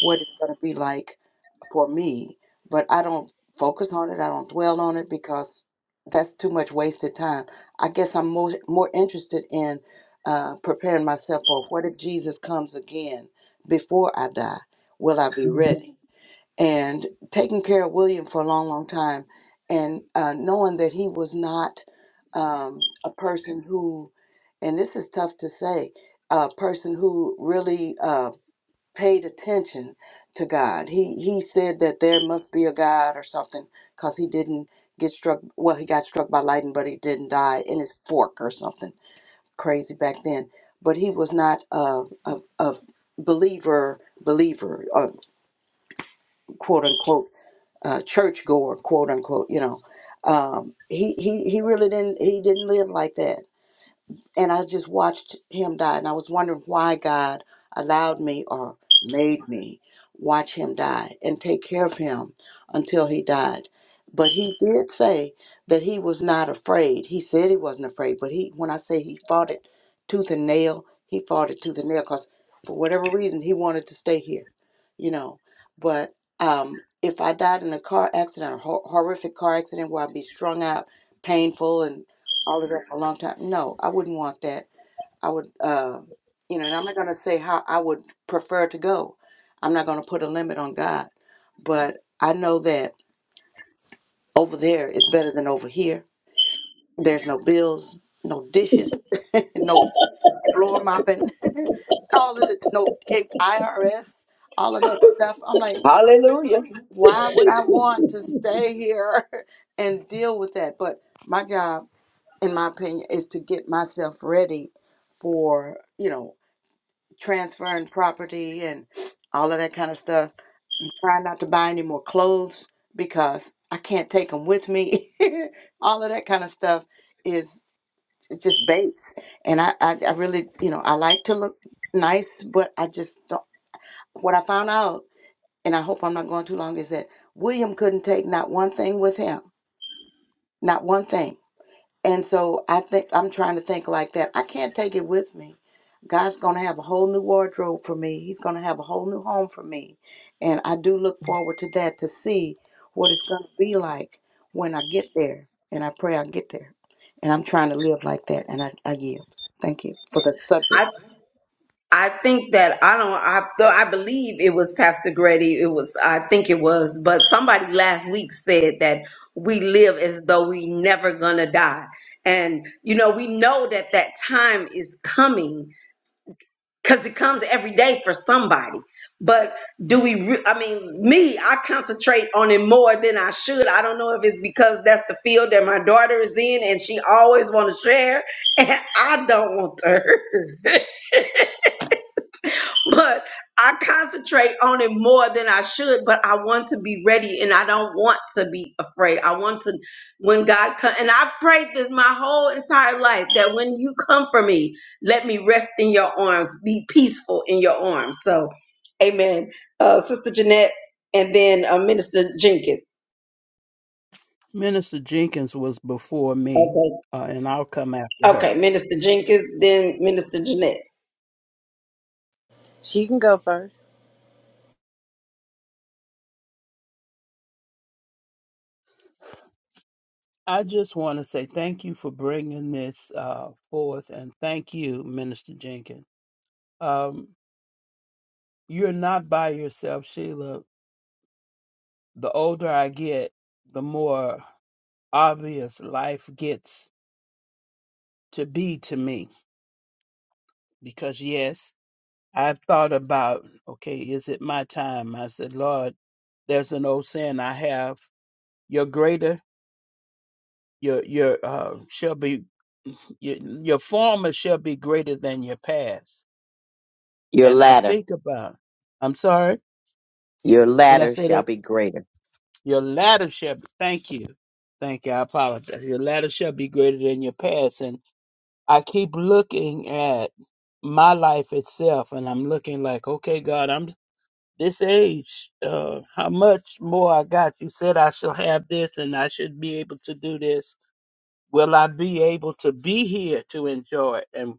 what it's going to be like for me, but I don't focus on it. I don't dwell on it because that's too much wasted time. I guess I'm more, more interested in uh, preparing myself for what if Jesus comes again before I die? Will I be
Mhm.
ready? and taking care of William for a long, long time, and uh, knowing that he was not um, a person who, and this is tough to say, a person who really uh, paid attention to God. He he said that there must be a God or something because he didn't get struck. Well, he got struck by lightning, but he didn't die in his fork or something crazy back then. But he was not a a, a believer believer, uh, quote unquote uh, churchgoer, quote unquote. You know, um, he he he really didn't he didn't live like that and I just watched him die, and I was wondering why God allowed me or made me watch him die and take care of him until he died. But he did say that he was not afraid. He said he wasn't afraid, but he when I say he fought it tooth and nail, he fought it tooth and nail because for whatever reason he wanted to stay here, you know. But um, if I died in a car accident, a hor- horrific car accident where I'd be strung out, painful, and? all of that for a long time. No, I wouldn't want that. I would, uh, you know, and I'm not going to say how I would prefer to go. I'm not going to put a limit on God. But I know that over there is better than over here. There's no bills, no dishes, no floor mopping, all of the, no IRS, all of that stuff. I'm like,
Hallelujah.
why would I want to stay here and deal with that? But my job, in my opinion, is to get myself ready for, you know, transferring property and all of that kind of stuff. I'm trying not to buy any more clothes because I can't take them with me. all of that kind of stuff is it's just base. And I, I, I really, you know, I like to look nice, but I just don't. What I found out, and I hope I'm not going too long, is that William couldn't take not one thing with him, not one thing. And so I think I'm trying to think like that. I can't take it with me. God's going to have a whole new wardrobe for me. He's going to have a whole new home for me. And I do look forward to that to see what it's going to be like when I get there. And I pray I get there. And I'm trying to live like that. And I, I yield. Thank you for the subject.
I think that I don't. I though I believe it was Pastor Grady. It was. I think it was. But somebody last week said that we live as though we never gonna die, and you know we know that that time is coming because it comes every day for somebody. But do we? Re- I mean, me, I concentrate on it more than I should. I don't know if it's because that's the field that my daughter is in, and she always want to share, and I don't want her. but I concentrate on it more than I should. But I want to be ready, and I don't want to be afraid. I want to when God comes, and I've prayed this my whole entire life that when you come for me, let me rest in your arms, be peaceful in your arms. So, Amen. Uh, Sister Jeanette, and then uh, Minister Jenkins.
Minister Jenkins was before me,
Okay,
uh, and I'll come after her.
okay, Minister Jenkins, then Minister Jeanette.
She can go first.
I just want to say thank you for bringing this uh, forth, and thank you, Minister Jenkins. Um, you're not by yourself, Sheila. The older I get, the more obvious life gets to be to me. Because, yes. I thought about, okay, is it my time? I said, Lord, there's an old saying I have: your greater, your your uh, shall be, your, your former shall be greater than your past.
Your
And I
ladder,
think about, I'm sorry,
your
did I
ladder
say
shall
that?
be greater.
Your latter shall. Be, thank you, thank you. I apologize. Your latter shall be greater than your past. And I keep looking at my life itself, and I'm looking like, okay, God, I'm this age, uh, how much more I got? You said I shall have this and I should be able to do this. Will I be able to be here to enjoy it? And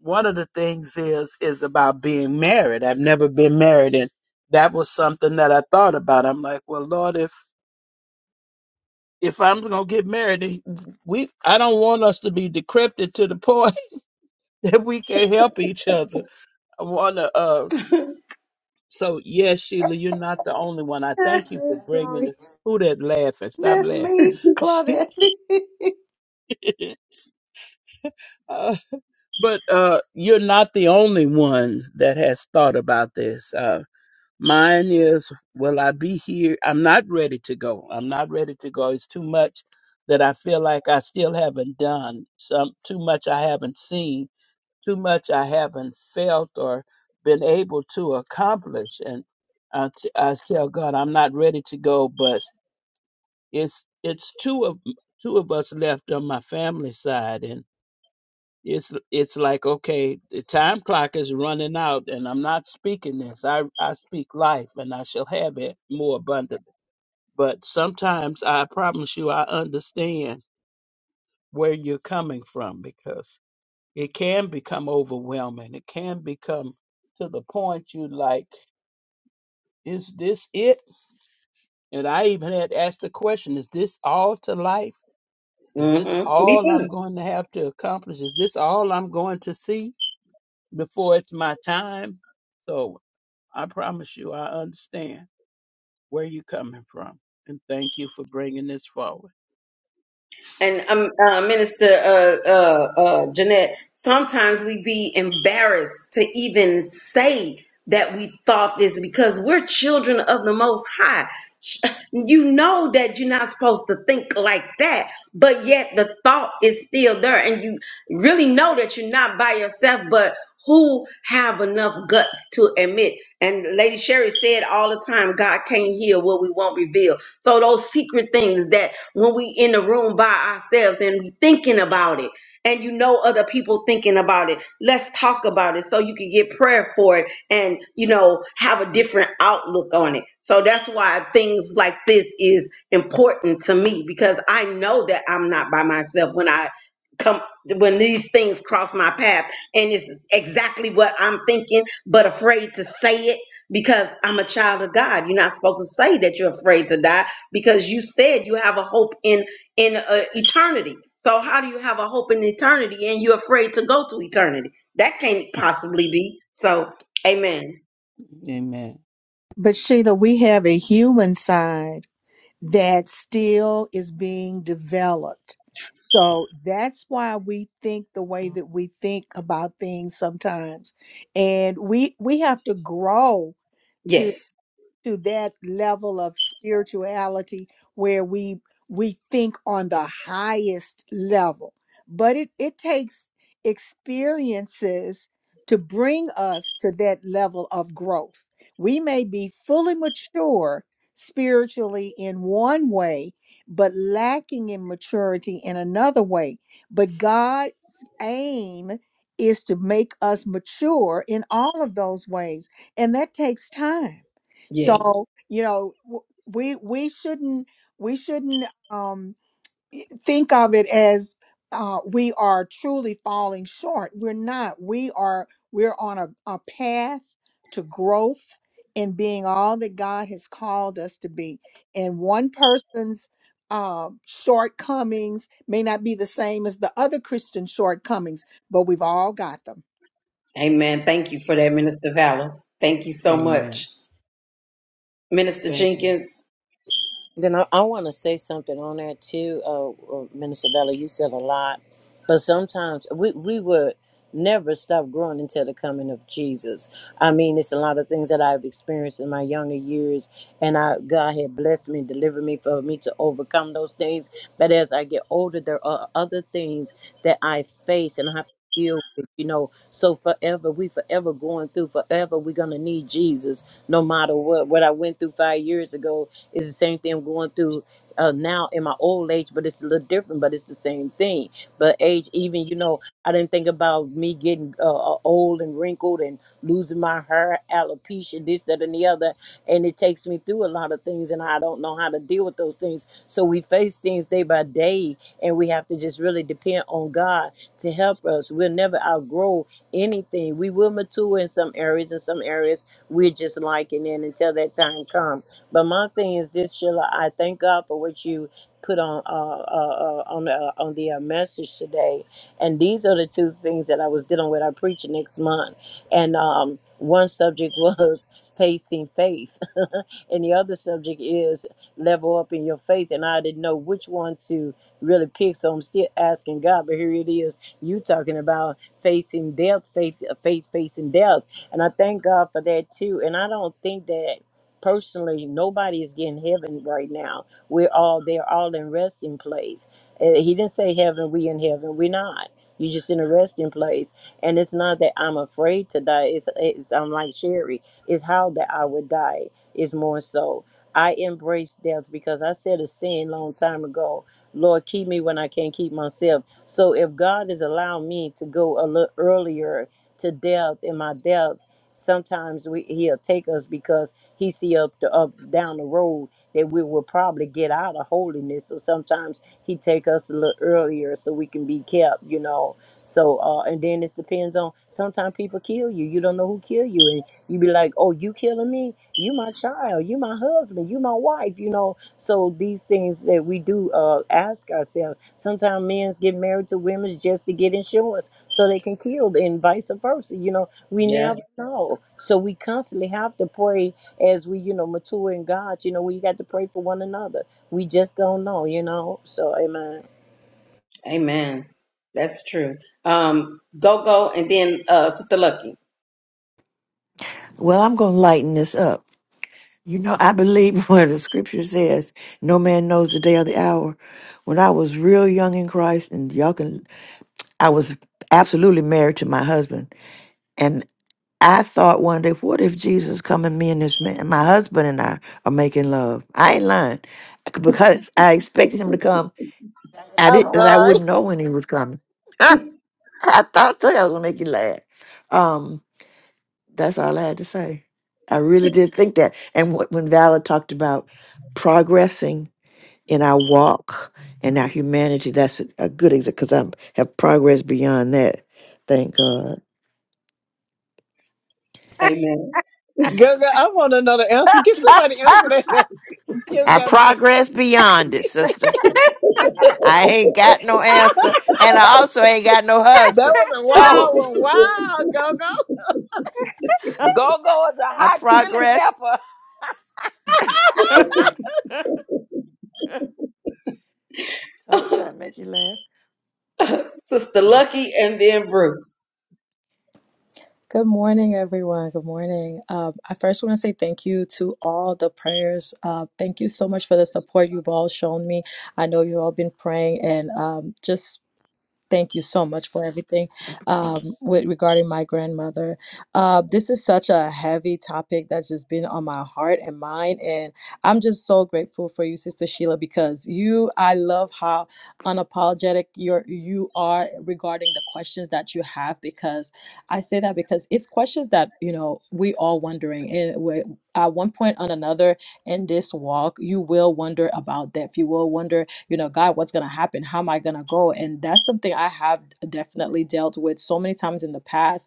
one of the things is is about being married. I've never been married and that was something that I thought about. I'm like, well Lord, if if I'm gonna get married, we I don't want us to be decrepit to the point that we can't help each other. I wanna uh, So yes, Sheila, you're not the only one. I thank you for bringing
Sorry.
this. Who that laughing? Stop
That's me,
laughing.
Claudette.
Uh, but uh, you're not the only one that has thought about this. Uh, mine is, will I be here? I'm not ready to go. I'm not ready to go. It's too much that I feel like I still haven't done. Some too much I haven't seen too much I haven't felt or been able to accomplish. And I, t- I tell God, I'm not ready to go, but it's it's two of two of us left on my family side, and it's it's like okay, the time clock is running out, and I'm not speaking this. I I speak life, and I shall have it more abundantly. But sometimes I promise you, I understand where you're coming from because it can become overwhelming. It can become to the point you like, is this it? And I even had asked the question, is this all to life? Is this
Mm-hmm. Me
all I'm
too.
going to have to accomplish? Is this all I'm going to see before it's my time? So I promise you, I understand where you're coming from. And thank you for bringing this forward.
and um, uh, Minister uh, uh, uh, Jeanette, sometimes we be embarrassed to even say that we thought this because we're children of the Most High. You know that you're not supposed to think like that, but yet the thought is still there, and you really know that you're not by yourself, but who have enough guts to admit and lady sherry said all the time god can't heal what we won't reveal so those secret things that when we in the room by ourselves and we thinking about it and you know other people thinking about it let's talk about it so you can get prayer for it and you know have a different outlook on it so that's why things like this is important to me because i know that i'm not by myself when i come when these things cross my path and it's exactly what i'm thinking but afraid to say it because i'm a child of god you're not supposed to say that you're afraid to die because you said you have a hope in in uh, eternity. So how do you have a hope in eternity and you're afraid to go to eternity? That can't possibly be. So, amen.
Amen.
But Sheila, we have a human side that still is being developed. So that's why we think the way that we think about things sometimes. And we we have to grow
Yes.
to that level of spirituality where we we think on the highest level but it it takes experiences to bring us to that level of growth we may be fully mature spiritually in one way but lacking in maturity in another way but god's aim is to make us mature in all of those ways and that takes time
Yes.
so, you know, w- we we shouldn't we shouldn't um, think of it as uh, we are truly falling short. We're not. We are we're on a, a path to growth in being all that God has called us to be. And one person's uh, shortcomings may not be the same as the other Christian shortcomings, but we've all got them.
Amen. Thank you for that, Minister Valor. Thank you so
Amen.
much. Minister
Thank you.
Jenkins.
Then I, I want to say something on that too, uh, uh, Minister Valley. You said a lot, but sometimes we we would never stop growing until the coming of Jesus. I mean, it's a lot of things that I've experienced in my younger years, and I God had blessed me, delivered me for me to overcome those things. But as I get older, there are other things that I face, and I have. deal with, you know. So forever, we forever going through, forever we're gonna need Jesus, no matter what. What I went through five years ago is the same thing I'm going through uh, now in my old age, but it's a little different, but it's the same thing. But age, even you know, I didn't think about of me getting uh, uh, old and wrinkled and losing my hair, alopecia, this, that, and the other. And it takes me through a lot of things, and I don't know how to deal with those things. So we face things day by day, and we have to just really depend on God to help us. We'll never outgrow anything. We will mature in some areas, and some areas we're just liking in until that time comes. But my thing is this, Sheila, I thank God for what you put on uh, uh, uh, on uh, on the uh, message today and these are the two things that I was dealing with. I preach next month. And um, one subject was facing faith, and the other subject is level up in your faith. And I didn't know which one to really pick. So I'm still asking God, but here it is. You talking about facing death, faith, faith facing death. And I thank God for that too. And I don't think that personally nobody is getting heaven right now. We're all they're all in resting place. Uh, He didn't say heaven, we in heaven, we're not you just in a resting place. And it's not that I'm afraid to die. It's, it's I'm like Sherry. It's how that I would die is more so. I embrace death because I said a sin long time ago. Lord, keep me when I can't keep myself. So if God has allowed me to go a little earlier to death in my death, sometimes we, He'll take us because He see up the up down the road that we will probably get out of holiness. So sometimes he take us a little earlier so we can be kept, you know. So uh, and then it depends on. Sometimes people kill you. You don't know who kill you, and you be like, "Oh, you killing me?" you my child you my husband you my wife you know so these things that we do uh ask ourselves sometimes men's get married to women just to get insurance so they can kill and vice versa you know we
Yeah.
never know so we constantly have to pray as we you know mature in god you know we got to pray for one another we just don't know you know so amen
Amen. That's true. Um, go go and then uh Sister Lucky.
well i'm going to lighten this up you know i believe where the scripture says no man knows the day or the hour when i was real young in christ and y'all can i was absolutely married to my husband I thought one day, what if Jesus come and me and this man, my husband and I are making love? I ain't lying because I expected him to come. I
I'm
did, and I
sorry.
wouldn't know when he was coming. I thought too, I was gonna make you laugh. Um, that's all I had to say. I really did think that. And wh- when Valor talked about progressing in our walk and our humanity, that's a, a good example because I have progressed beyond that. Thank God.
Amen.
Girl, girl, I want another answer. Get somebody answer that because she
I
got me.
progressed beyond it, sister. I ain't got no answer, and I also ain't got no
That
husband.
was a
So
wild one. Wow, go go.
Go go is a
I
hot chili
progressed.
pepper.
Told you I'd make you laugh.
Sister Lucky and then Bruce.
Good morning, everyone. Good morning. Um, I first want to say thank you to all the prayers. Uh, thank you so much for the support you've all shown me. I know you've all been praying and um, just Thank you so much for everything um, with regarding my grandmother. Uh, this is such a heavy topic that's just been on my heart and mind, and I'm just so grateful for you, Sister Sheila, because you. I love how unapologetic you you are regarding the questions that you have. Because I say that because it's questions that you know we all wondering, and we, at one point or another in this walk, you will wonder about death. You will wonder you know god what's going to happen how am i going to go and that's something i have definitely dealt with so many times in the past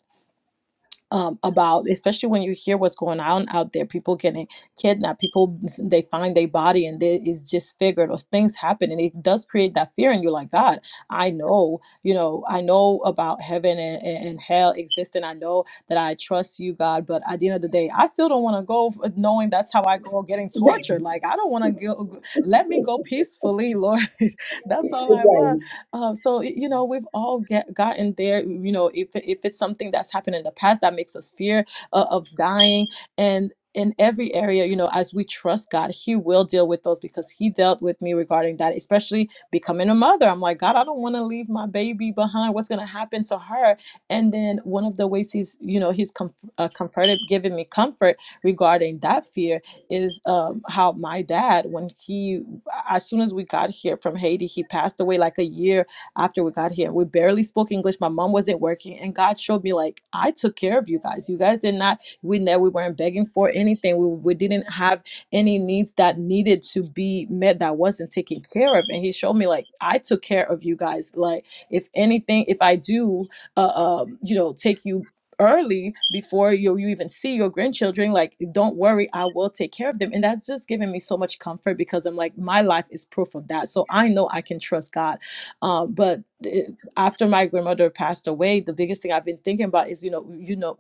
um, about especially when you hear what's going on out there people getting kidnapped people they find their body and they, it's disfigured or things happen and it does create that fear and you're like god i know you know i know about heaven and, and, and hell existing i know that i trust you god but at the end of the day i still don't want to go f- knowing that's how i go getting tortured like i don't want to go let me go peacefully lord that's all i want
Right.
um, so y- you know we've all get, gotten there. You know if if it's something that's happened in the past that makes us fear uh, of dying, and in every area, you know, as we trust God, He will deal with those because He dealt with me regarding that, especially becoming a mother. I'm like, God, I don't want to leave my baby behind. What's going to happen to her? And then one of the ways He's, you know, He's comf- uh, comforted, giving me comfort regarding that fear is um, how my dad, when he, as soon as we got here from Haiti, he passed away like a year after we got here. We barely spoke English. My mom wasn't working, and God showed me like I took care of you guys. You guys did not. We ne- we weren't begging for anything. We we didn't have any needs that needed to be met that wasn't taken care of. And He showed me like I took care of you guys. Like if anything, if I do, uh, um, you know, take you early before you, you even see your grandchildren like don't worry i will take care of them and that's just given me so much comfort because i'm like my life is proof of that so i know i can trust god um, but it- after my grandmother passed away the biggest thing i've been thinking about is you know you know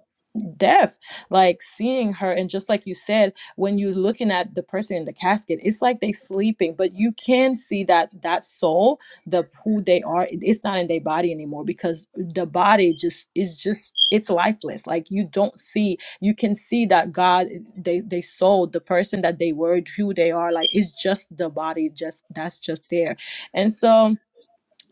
death like seeing her and just like you said when you're looking at the person in the casket it's like they sleeping but you can see that that soul the who they are it- it's not in their body anymore because the body just is just it's lifeless like you don't see you can see that god they they sold the person that they were who they are like it's just the body just that's just there and so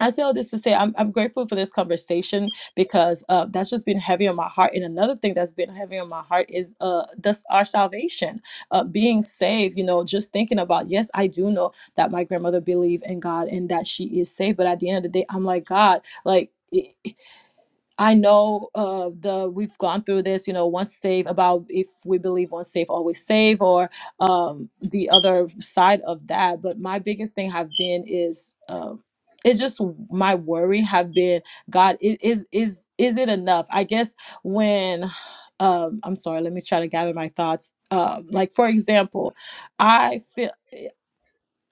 I say all this to say I'm, I'm grateful for this conversation because uh, that's just been heavy on my heart. And another thing that's been heavy on my heart is uh, this, our salvation, uh, being saved. You know, just thinking about yes, I do know that my grandmother believed in God and that she is saved. But at the end of the day, I'm like God, like. I know uh, the we've gone through this, you know, once saved about if we believe once saved always save, or um, the other side of that. But my biggest thing have been is uh, it's just my worry have been God i- is is is it enough? I guess when um, I'm sorry, let me try to gather my thoughts. Um, like for example, I feel.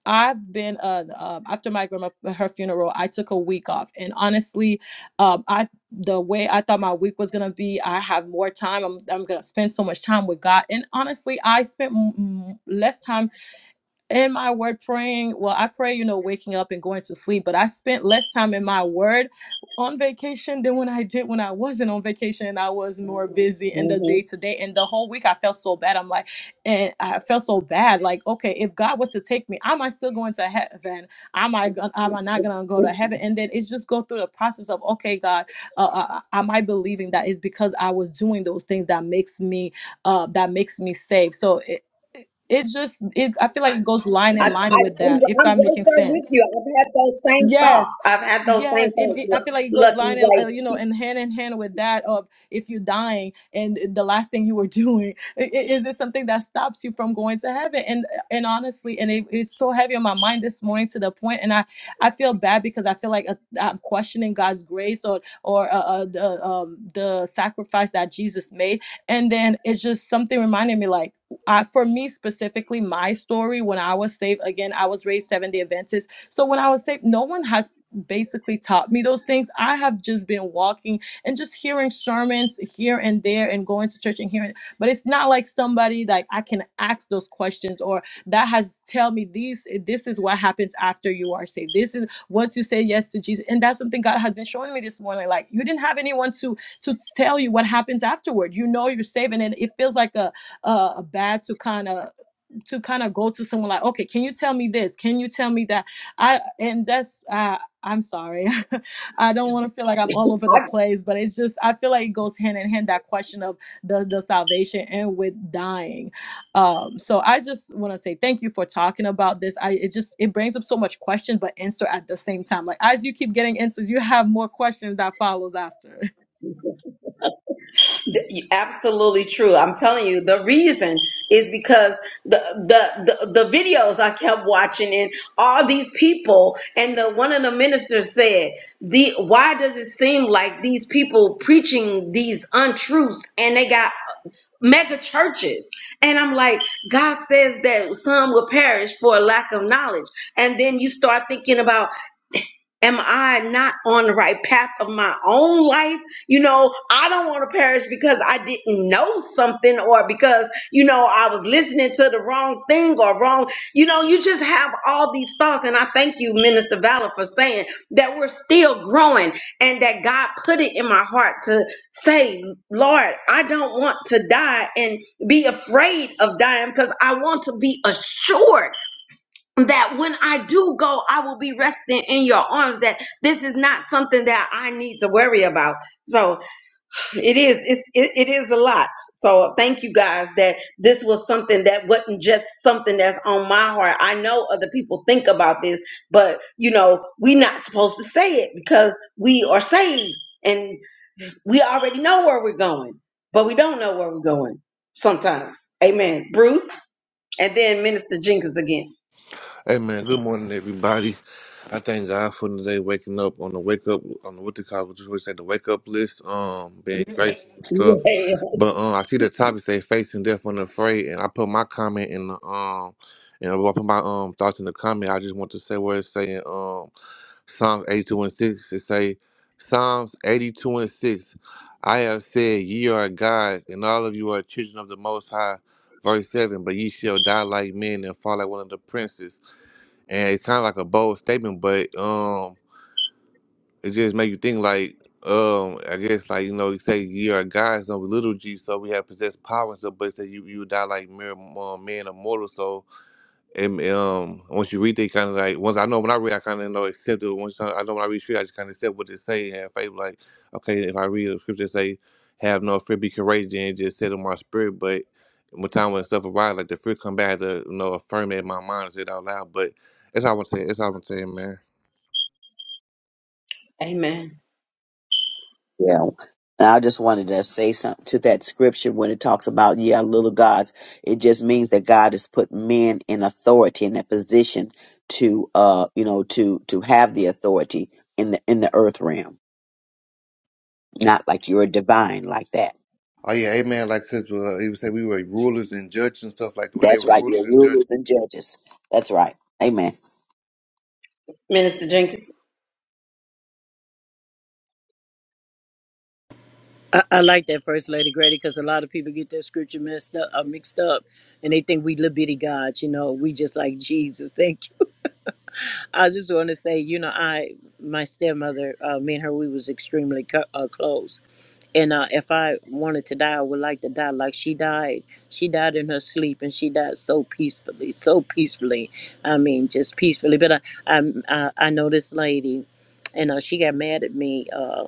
I've been uh, um after my grandma her funeral, I took a week off, and honestly, um, I the way I thought my week was gonna be, I have more time. I'm I'm gonna spend so much time with God, and honestly, I spent m- m- less time in my word praying well i pray you know waking up and going to sleep but i spent less time in my word on vacation than when i did when i wasn't on vacation and i was more busy in the
Mm-hmm.
day to day and the whole week i felt so bad i'm like and i felt so bad like okay if god was to take me am i still going to heaven am i gon- am i not gonna go to heaven and then it's just go through the process of okay god uh, uh, uh, am i believing that is because i was doing those things that makes me uh that makes me safe so it, it's just it, i feel like it goes line
I,
in
I,
line with
I'm,
that if
I'm
i'm making
right there
sense
with you. I've had those same
Yes.
thoughts. I've had those same
Yes, it,
thoughts.
it- I
Look,
feel like it goes
look,
line and uh, you know,
like
and hand in hand with that of if you're dying and the last thing you were doing i- i- is it something that stops you from going to heaven? And and honestly, and it, it's so heavy on my mind this morning to the point, and I I feel bad because I feel like uh, I'm questioning God's grace or or uh, uh, the um, the sacrifice that Jesus made, and then it's just something reminding me like. I, for me specifically, my story when I was saved again, I was raised Seventh Day Adventist so when I was saved, no one has basically taught me those things. I have just been walking and just hearing sermons here and there and going to church and hearing, but it's not like somebody like I can ask those questions or that has tell me these this is what happens after you are saved. This is once you say yes to Jesus. And that's something God has been showing me this morning. Like you didn't have anyone to to tell you what happens afterward. You know you're saved and it, it feels like a a, a bad to kind of to kind of go to someone like, okay, can you tell me this? Can you tell me that? I and that's uh, I'm sorry, I don't want to feel like I'm all over the
I,
place, but it's just I feel like it goes hand in hand that question of the the salvation and with dying. Um, so I just want to say thank you for talking about this. I it just it brings up so much question but answer at the same time. Like as you keep getting answers, you have more questions that follows after.
d- absolutely true. I'm telling you, the reason is because the, the the the videos I kept watching and all these people and the one of the ministers said the why does it seem like these people preaching these untruths and they got mega churches. And I'm like, God says that some will perish for a lack of knowledge. And then you start thinking about am I not on the right path of my own life? You know, I don't want to perish because I didn't know something or because, you know, I was listening to the wrong thing or wrong. You know, you just have all these thoughts. And I thank you, Minister Valor, for saying that we're still growing and that God put it in my heart to say, Lord, I don't want to die and be afraid of dying because I want to be assured that when I do go, I will be resting in your arms. That this is not something that I need to worry about. So it is, it's, it, it is a lot. So thank you guys that this was something that wasn't just something that's on my heart. I know other people think about this, but you know, we're not supposed to say it because we are saved and we already know where we're going, but we don't know where we're going sometimes. Amen. Bruce, and then Minister Jenkins again.
Hey man, good morning everybody. I thank God for today waking up on the wake up on the what they call what you always say the wake up list, um, being grateful and stuff. But um I see the topic say facing death unafraid and I put my comment in the um and I put my um thoughts in the comment. I just want to say where it's saying um Psalms eighty two and six. It say Psalms eighty two and six. I have said ye are gods and all of you are children of the most high. Verse seven, but ye shall die like men and fall like one of the princes and it's kind of like a bold statement, but um, it just make you think like um, I guess like you know you say you are gods, no little g, so we have possessed power and stuff, but say you you die like mere um, man or mortal, so and um, once you read they kind of like once I know when I read, I kind of know accept it. Once I, I know when I read scripture, I just kind of accept what they say and have faith. Like, okay, if I read the scripture, that say, "Have no fear, be courageous," and it just set in my spirit. But when time when stuff arrives, like the fear come back to you know affirm it in my mind and say it out loud. But that's all I'm saying. That's all I'm saying, man.
Amen.
Yeah. And I just wanted to say something to that scripture when it talks about, yeah, little gods. It just means that God has put men in authority in that position to, uh, you know, to, to have the authority in the, in the earth realm. Not like you're a divine like that.
Oh yeah, amen. Like 'cause, uh, he would say we were rulers and judges and stuff like that. Where they
That's
were
right.
rulers
Your
and judges
rulers and judges. That's right. Amen.
Minister Jenkins,
I, I like that first lady Grady because a lot of people get that scripture messed up, uh, mixed up, and they think we little gods. You know, we just like Jesus. Thank you. I just want to say, you know, I my stepmother, uh, me and her, we was extremely co- uh, close. And uh, if I wanted to die, I would like to die like she died. She died in her sleep, and she died so peacefully, so peacefully. I mean, just peacefully. But I, I, I I know this lady, and uh, she got mad at me uh,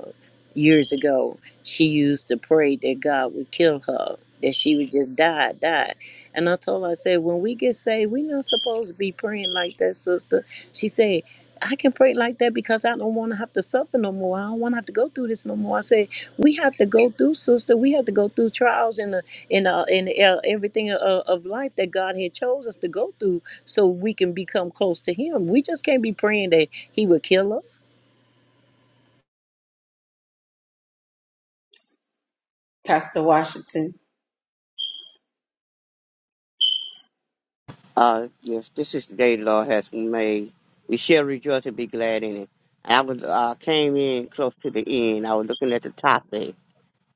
years ago. She used to pray that God would kill her, that she would just die, die. And I told her, I said, when we get saved, we not supposed to be praying like that, sister she said, I can pray like that because I don't want to have to suffer no more. I don't want to have to go through this no more. I said, we have to go through, sister. We have to go through trials and uh, and uh, and uh, everything of, of life that God had chose us to go through, so we can become close to Him. We just can't be praying that He would kill us.
Pastor Washington.
Uh, yes, this is the day the Lord has made. We shall rejoice and be glad in it. I was uh, came in close to the end. I was looking at the topic,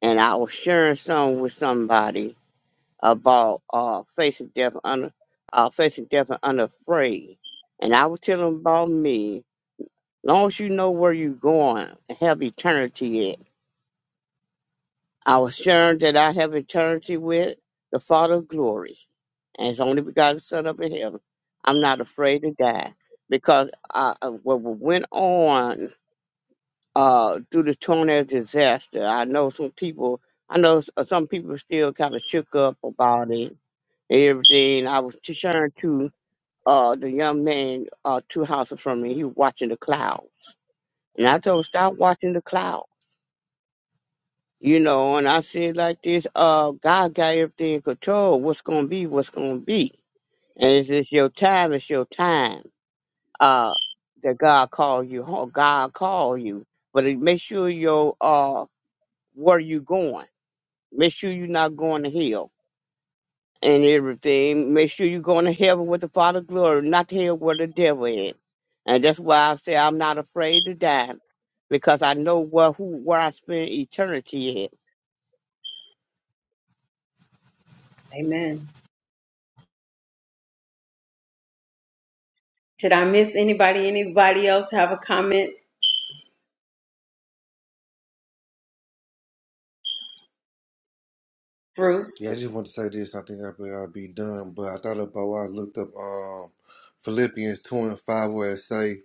and I was sharing some with somebody about uh, facing death under uh, facing death and unafraid. And I was telling them about me. Long as you know where you're going and have eternity at, Our assurance that I have eternity with the Father of glory and his only begotten Son up in heaven. I'm not afraid to die because I, uh, what went on uh, through the tornado disaster, I know some people, I know s- uh, some people still kind of shook up about it and everything. I was t- sharing to uh, the young man uh, two houses from me, he was watching the clouds. And I told him, stop watching the clouds. You know, and I said like this, uh, God got everything in control. What's gonna be, what's gonna be. And it's just your time, it's your time. Uh that God called you home. God called you. But it- make sure your uh where you going. Make sure you're not going to hell and everything. Make sure you're going to heaven with the Father glory, not to hell where the devil is. And that's why I say I'm not afraid to die. Because I know where who where I spend eternity at.
Amen. Did I miss anybody? Anybody else have a comment? Bruce?
Yeah, I just want to say this. I think I'll be, I'll be done, but I thought about why I looked up um, Philippians 2 and 5, where it say,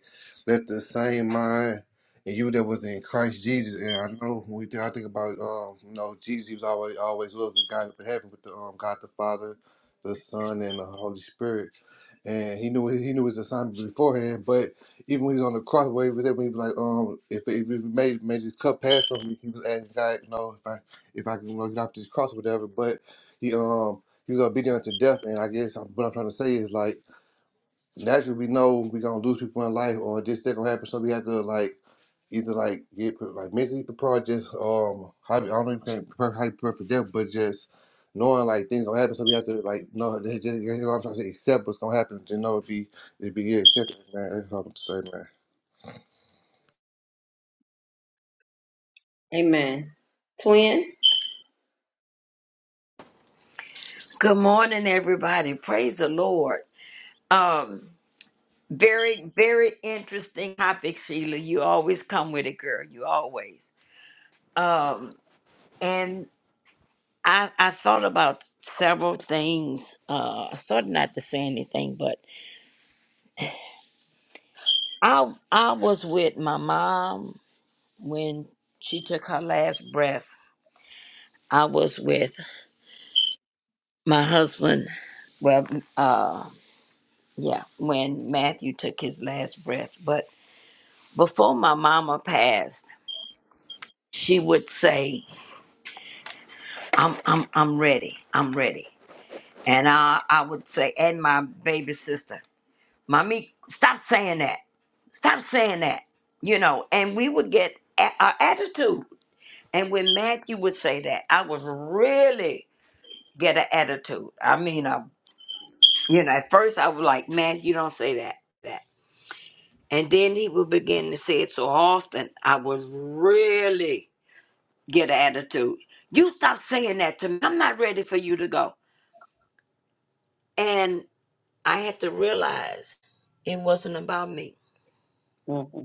Let the same mind and you that was in Christ Jesus. And I know when we think, I think about, um, you know, Jesus, he was always, always loved with God in heaven with the um, God the Father, the Son, and the Holy Spirit. And he knew he knew his assignment beforehand, but even when he was on the cross, where he was at, when he was like, um, if, if he made, made his cup pass from me, he was asking God, you know, if I, if I can you know, get off this cross or whatever, but he um he was obedient to death, and I guess what I'm trying to say is like naturally we know we gonna lose people in life or this thing gonna happen, so we have to like either like get pre- like mentally prepared, just um how, I don't know if you can prepare, how you prepare for death, but just knowing like things gonna happen, so we have to like know that just you know what I'm trying to say accept what's gonna happen to know if he if he accept it, man. That's what I'm trying to say, man.
Amen. Twin?
good morning, everybody. Praise the Lord. Um, very, very interesting topic, Sheila. You always come with it, girl. You always. Um, and I I thought about several things. Uh, I started not to say anything, but I I was with my mom when she took her last breath, I was with my husband. Well, uh, yeah, when Matthew took his last breath. But before my mama passed, she would say, "I'm, I'm, I'm ready. I'm ready." And I, I would say, and my baby sister, "Mommy, stop saying that. Stop saying that." You know, and we would get a- a attitude. And when Matthew would say that, I was really get an attitude. I mean, a You know, at first I was like, "Man, you don't say that, that. And then he would begin to say it so often, I would really get an attitude. You stop saying that to me. I'm not ready for you to go. And I had to realize it wasn't about me.
Mhm.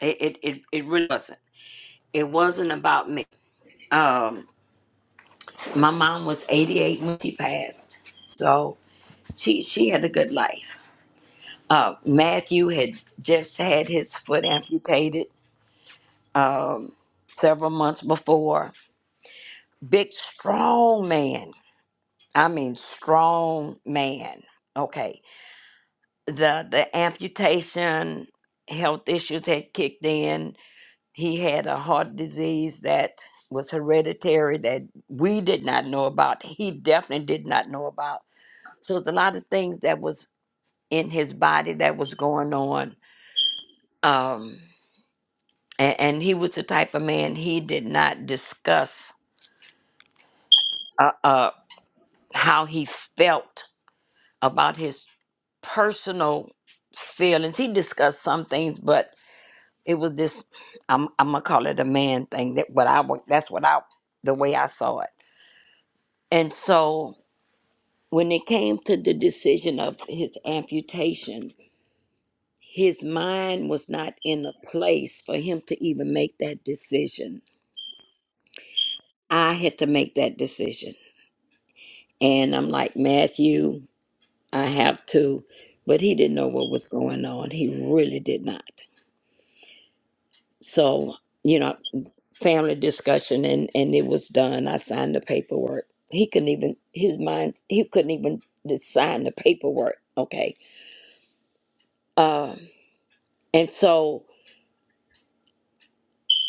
It it, it, it really wasn't. It wasn't about me. Um, my mom was 88 when she passed, so she she had a good life. Uh, Matthew had just had his foot amputated um, several months before. Big, strong man. I mean, strong man. Okay. The the amputation health issues had kicked in. He had a heart disease that was hereditary that we did not know about. He definitely did not know about. So there's a lot of things that was in his body that was going on. Um, and, and he was the type of man he did not discuss. Uh. uh, how he felt about his personal feelings. He discussed some things, but it was this I'm I'm gonna call it a man thing. That but I wa- that's what I the way I saw it. And so when it came to the decision of his amputation, his mind was not in a place for him to even make that decision. I had to make that decision. And I'm like, Matthew, I have to, but he didn't know what was going on. He really did not. So, you know, family discussion and, and it was done. I signed the paperwork. He couldn't even his mind he couldn't even just sign the paperwork. Okay. Um and so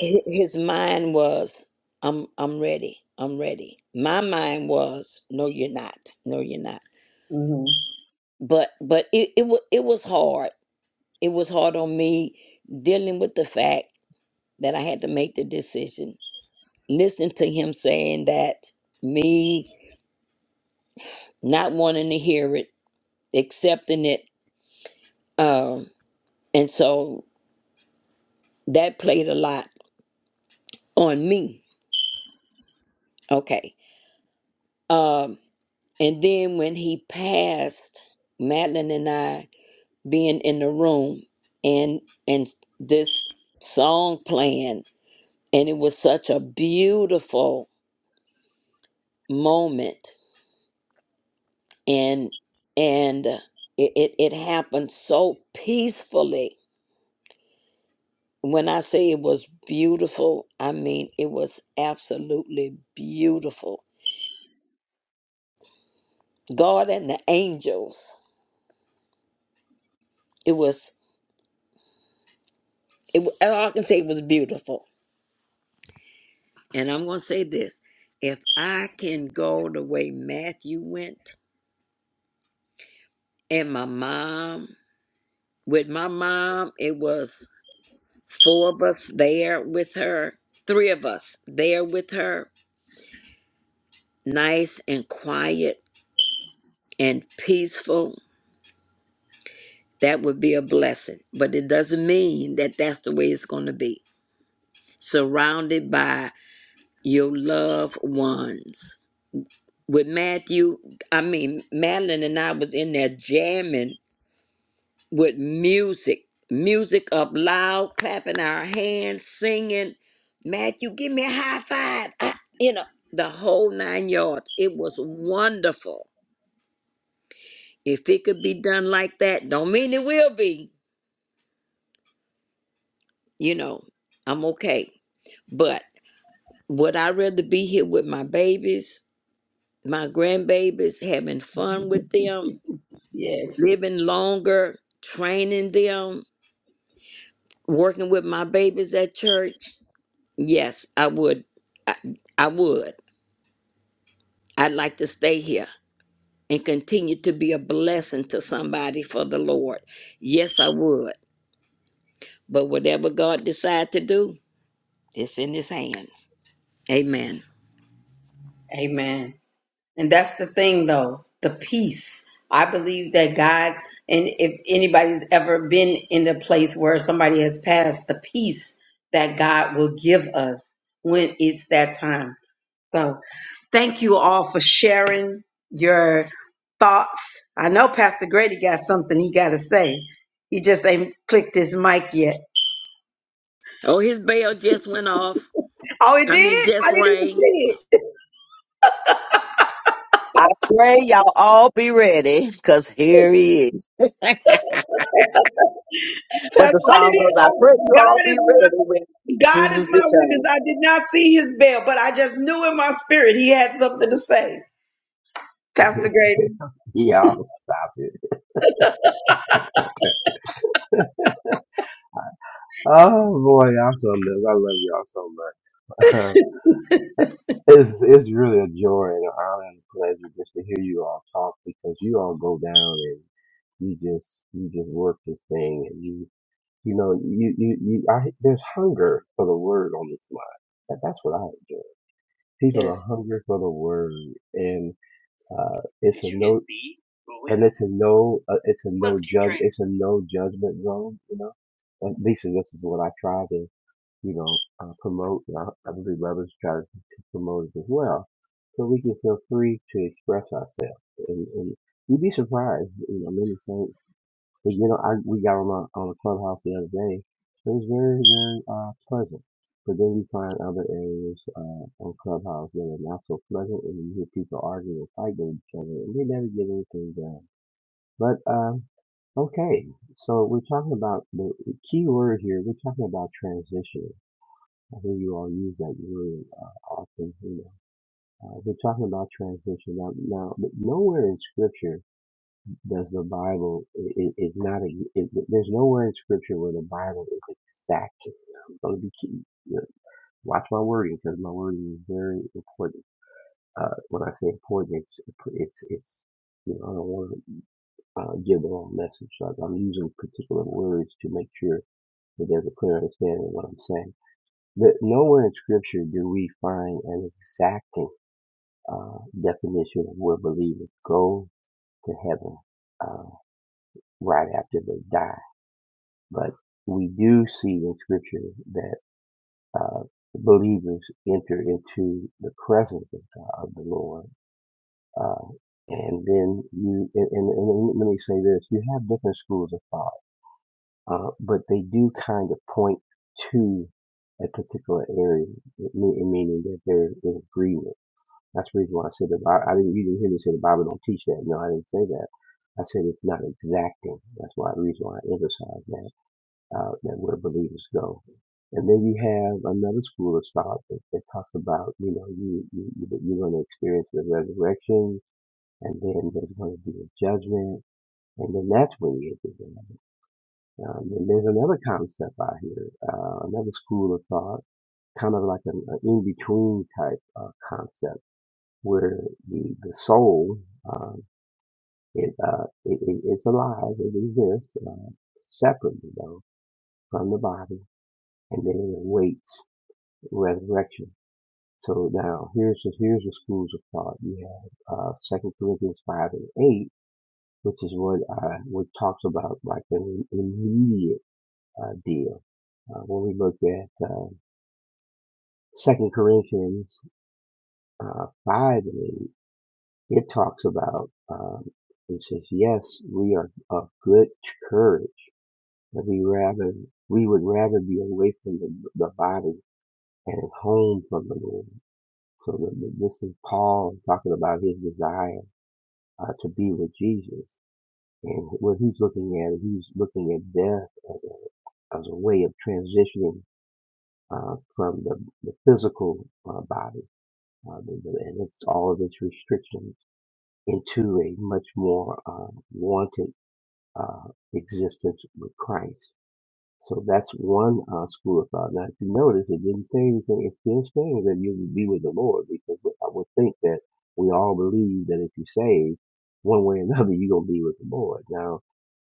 hi- his mind was I'm I'm ready. I'm ready. My mind was no you're not. No you're not.
hmm
But but it it was it was hard. It was hard on me dealing with the fact that I had to make the decision. Listen to him saying that, me not wanting to hear it, accepting it. Um, and so that played a lot on me. Okay. Um, and then when he passed, Madeline and I being in the room and and this song playing, and it was such a beautiful moment and and it, it it happened so peacefully when i say it was beautiful i mean it was absolutely beautiful god and the angels it was it wa- all i can say was beautiful and i'm going to say this if i can go the way matthew went and my mom with my mom it was four of us there with her three of us there with her nice and quiet and peaceful, that would be a blessing. But it doesn't mean that that's the way it's going to be. Surrounded by your loved ones. With Matthew, I mean, Madeline and I was in there jamming with music, music up loud, clapping our hands, singing, Matthew, give me a high five. Ah, you know, the whole nine yards. It was wonderful. If it could be done like that, don't mean it will be. You know, I'm okay. But would I rather be here with my babies, my grandbabies, having fun with them,
Yes.
living longer, training them, working with my babies at church? Yes, I would. I, I would. I'd like to stay here and continue to be a blessing to somebody for the Lord. Yes, I would. But whatever God decides to do, it's in his hands. Amen.
Amen. And that's the thing though, the peace. I believe that God, and if anybody's ever been in the place where somebody has passed, the peace that God will give us when it's that time. So thank you all for sharing your thoughts. I know Pastor Grady got something he got to say. He just ain't clicked his mic yet.
Oh, his bell just went off.
Oh, it did?
I mean, just
I didn't even see
rang.
it.
I pray y'all all be ready because here he is. but the
'Cause I
song
didn't,
goes, I pray
uh,
you all
God
be
is my
ready when
God is
Jesus
my witness. I
returns.
did not see his bell, but I just knew in my spirit he had something to say. Pastor Grady.
Y'all stop it. Oh boy, I'm so love. I love y'all so much. it's it's really a joy and an honor and a pleasure just to hear you all talk because you all go down and you just you just work this thing and you you know you you, you I, there's hunger for the word on this line. And that's what I enjoy. People
Yes.
are hungry for the word and. Uh, it's a no, and it's a no, uh, it's a no judge, it's a no judgment zone. You know, at least this is what I try to, you know, uh, promote. And I, I believe others try to promote it as well, so we can feel free to express ourselves. And, and you'd be surprised, you know, many things. But you know, I we got on my on the clubhouse the other day. It was very very uh, pleasant. But then you find other areas uh, on clubhouse that are not so pleasant, and you hear people arguing and fighting with each other, and they never get anything done. But um, okay, so we're talking about the key word here. We're talking about transition. I think you all use that word uh, often. You know, uh, we're talking about transition now. Now, but nowhere in scripture does the Bible is it's not a it, there's nowhere in Scripture where the Bible is exact. I'm going to be keep, you know, watch my wording because my wording is very important. Uh, when I say important, it's it's it's you know I don't want to uh, give the wrong message. Like I'm using particular words to make sure that there's a clear understanding of what I'm saying. But nowhere in Scripture do we find an exacting uh, definition of where believers go to heaven uh, right after they die But we do see in Scripture that uh, believers enter into the presence of God, of the Lord. Uh, and then you, and, and, and let me say this, you have different schools of thought, uh, but they do kind of point to a particular area, meaning that they're in agreement. That's the reason why I said the Bible, I didn't, you didn't hear me say the Bible don't teach that. No, I didn't say that. I said it's not exacting. That's why the reason why I emphasize that uh, that where believers go. And then you have another school of thought that, that talks about, you know, you, you, you- are going to experience the resurrection, and then there's going to be a judgment, and then that's when you get to heaven. Um, and there's another concept out here, uh, another school of thought, kind of like an, an in-between type uh, concept, where the, the soul, um, it, uh, it, it, it's alive, it exists, uh, separately though, from the body, and then it awaits resurrection. So now here's the, here's the schools of thought. You have uh, Second Corinthians five and eight, which is what uh, what talks about like an immediate uh, deal. Uh, when we look at uh, Second Corinthians uh, five and eight, it talks about um, it says, "Yes, we are of good courage, that we rather we would rather be away from the, the body and home from the Lord." So th- th- this is Paul talking about his desire uh, to be with Jesus, and what he's looking at, he's looking at death as a as a way of transitioning uh, from the, the physical uh, body uh, the- the- and it's all of its restrictions into a much more uh, wanted uh, existence with Christ. So that's one uh, school of thought. Now, if you notice, it didn't say anything. It's still saying that you will be with the Lord because I would think that we all believe that if you save one way or another, you're going to be with the Lord. Now,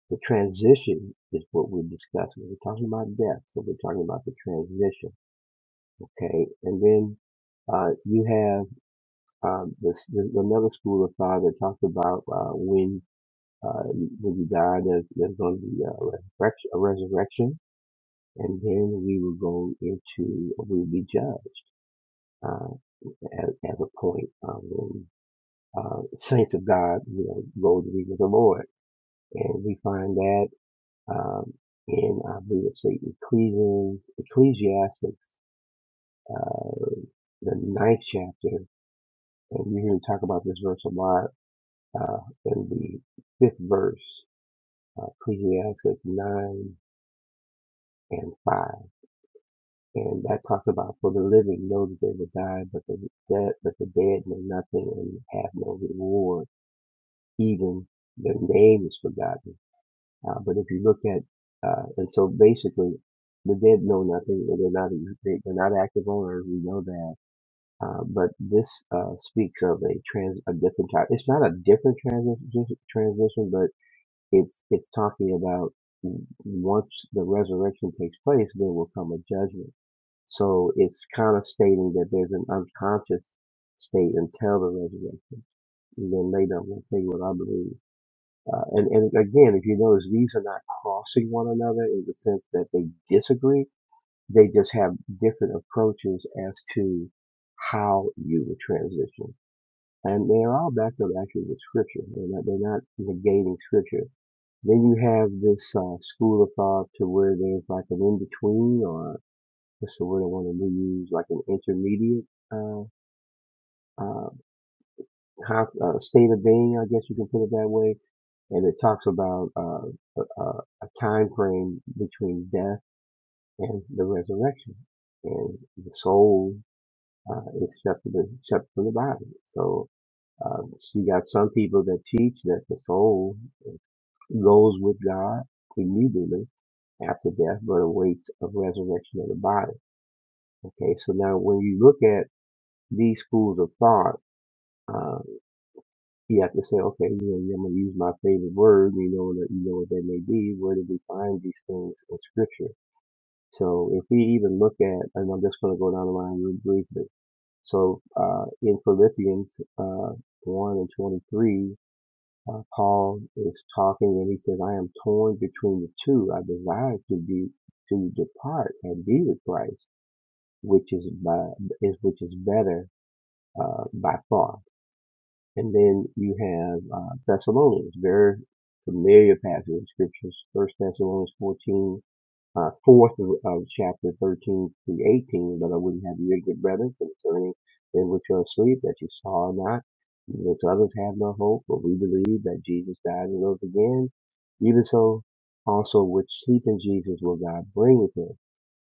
the transition is what we're discussing. We're talking about death, so we're talking about the transition, okay? And then uh, you have um, this, there's another school of thought that talks about uh, when uh, when you die, there's, there's going to be a resurrection, a resurrection and then we will go into we will be judged uh, as, as a point uh, when uh, saints of God you know go to be with the Lord, and we find that um, in I believe it's the Ecclesiastes, Ecclesiastics, uh, the ninth chapter, and you hear me talk about this verse a lot uh, in the fifth verse, uh, Ecclesiastes nine and five. And that talks about for the living know that they will die, but the dead, but the dead know nothing and have no reward. Even their name is forgotten. Uh, but if you look at, uh, and so basically, the dead know nothing and they're not they- are not active on earth. We know that. Uh, but this uh, speaks of a trans a different type. It's not a different transition, transition, but it's it's talking about once the resurrection takes place, there will come a judgment so it's kind of stating that there's an unconscious state until the resurrection. And then later I'm going to tell you what I believe. Uh, and, and again, if you notice, these are not crossing one another in the sense that they disagree. They just have different approaches as to how you would transition. And they're all backed up actually with scripture. They're not, they're not negating scripture. Then you have this uh, school of thought to where there's like an in-between or what's the word I want to use? Like an intermediate uh, uh, con- uh, state of being, I guess you can put it that way. And it talks about uh, a, a a time frame between death and the resurrection, and the soul uh, is separate, separate from the body. So uh, you got some people that teach that the soul goes with God immediately after death, but awaits a resurrection of the body. Okay, so now when you look at these schools of thought, uh, you have to say, okay, you know, I'm going to use my favorite word. You know, that you know what that may be. Where do we find these things in Scripture? So if we even look at, and I'm just going to go down the line real briefly. So uh, in Philippians uh, one and twenty three. Uh, Paul is talking and he says, I am torn between the two. I desire to be, to depart and be with Christ, which is by, is, which is better, uh, by far And then you have uh, Thessalonians, very familiar passage of scriptures, First Thessalonians 14, uh, fourth of, chapter 13 through 18. But I wouldn't have you ignorant, brethren, concerning them which are asleep, that you saw not, that others have no hope, but we believe that Jesus died and rose again. Even so, also which sleep in Jesus will God bring with him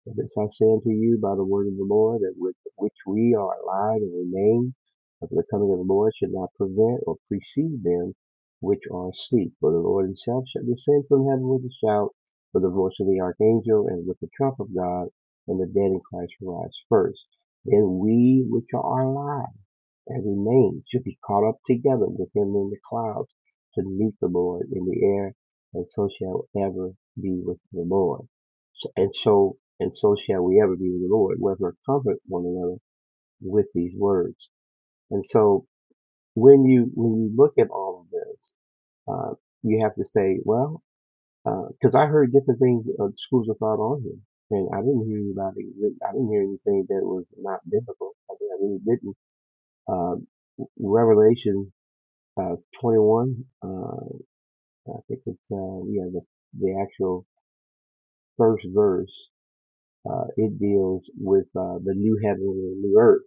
and this I say unto you by the word of the Lord, that with which we are alive and remain of the coming of the Lord should not prevent or precede them which are asleep. For the Lord himself shall descend from heaven with a shout, with the voice of the archangel, and with the trump of God, and the dead in Christ shall rise first. Then we which are alive Every man should be caught up together with him in the clouds to meet the Lord in the air, and so shall ever be with the Lord. So- And so and so shall we ever be with the Lord, whether comfort one another with these words. And so when you when you look at all of this, uh, you have to say, well, because I heard different things, uh, schools of thought on here, and I didn't hear anybody, I didn't hear anything that was not biblical. I mean, I really didn't. Uh, Revelation uh, 21, uh, I think it's, uh, yeah, the, the actual first verse, uh, it deals with, uh, the new heaven and the new earth.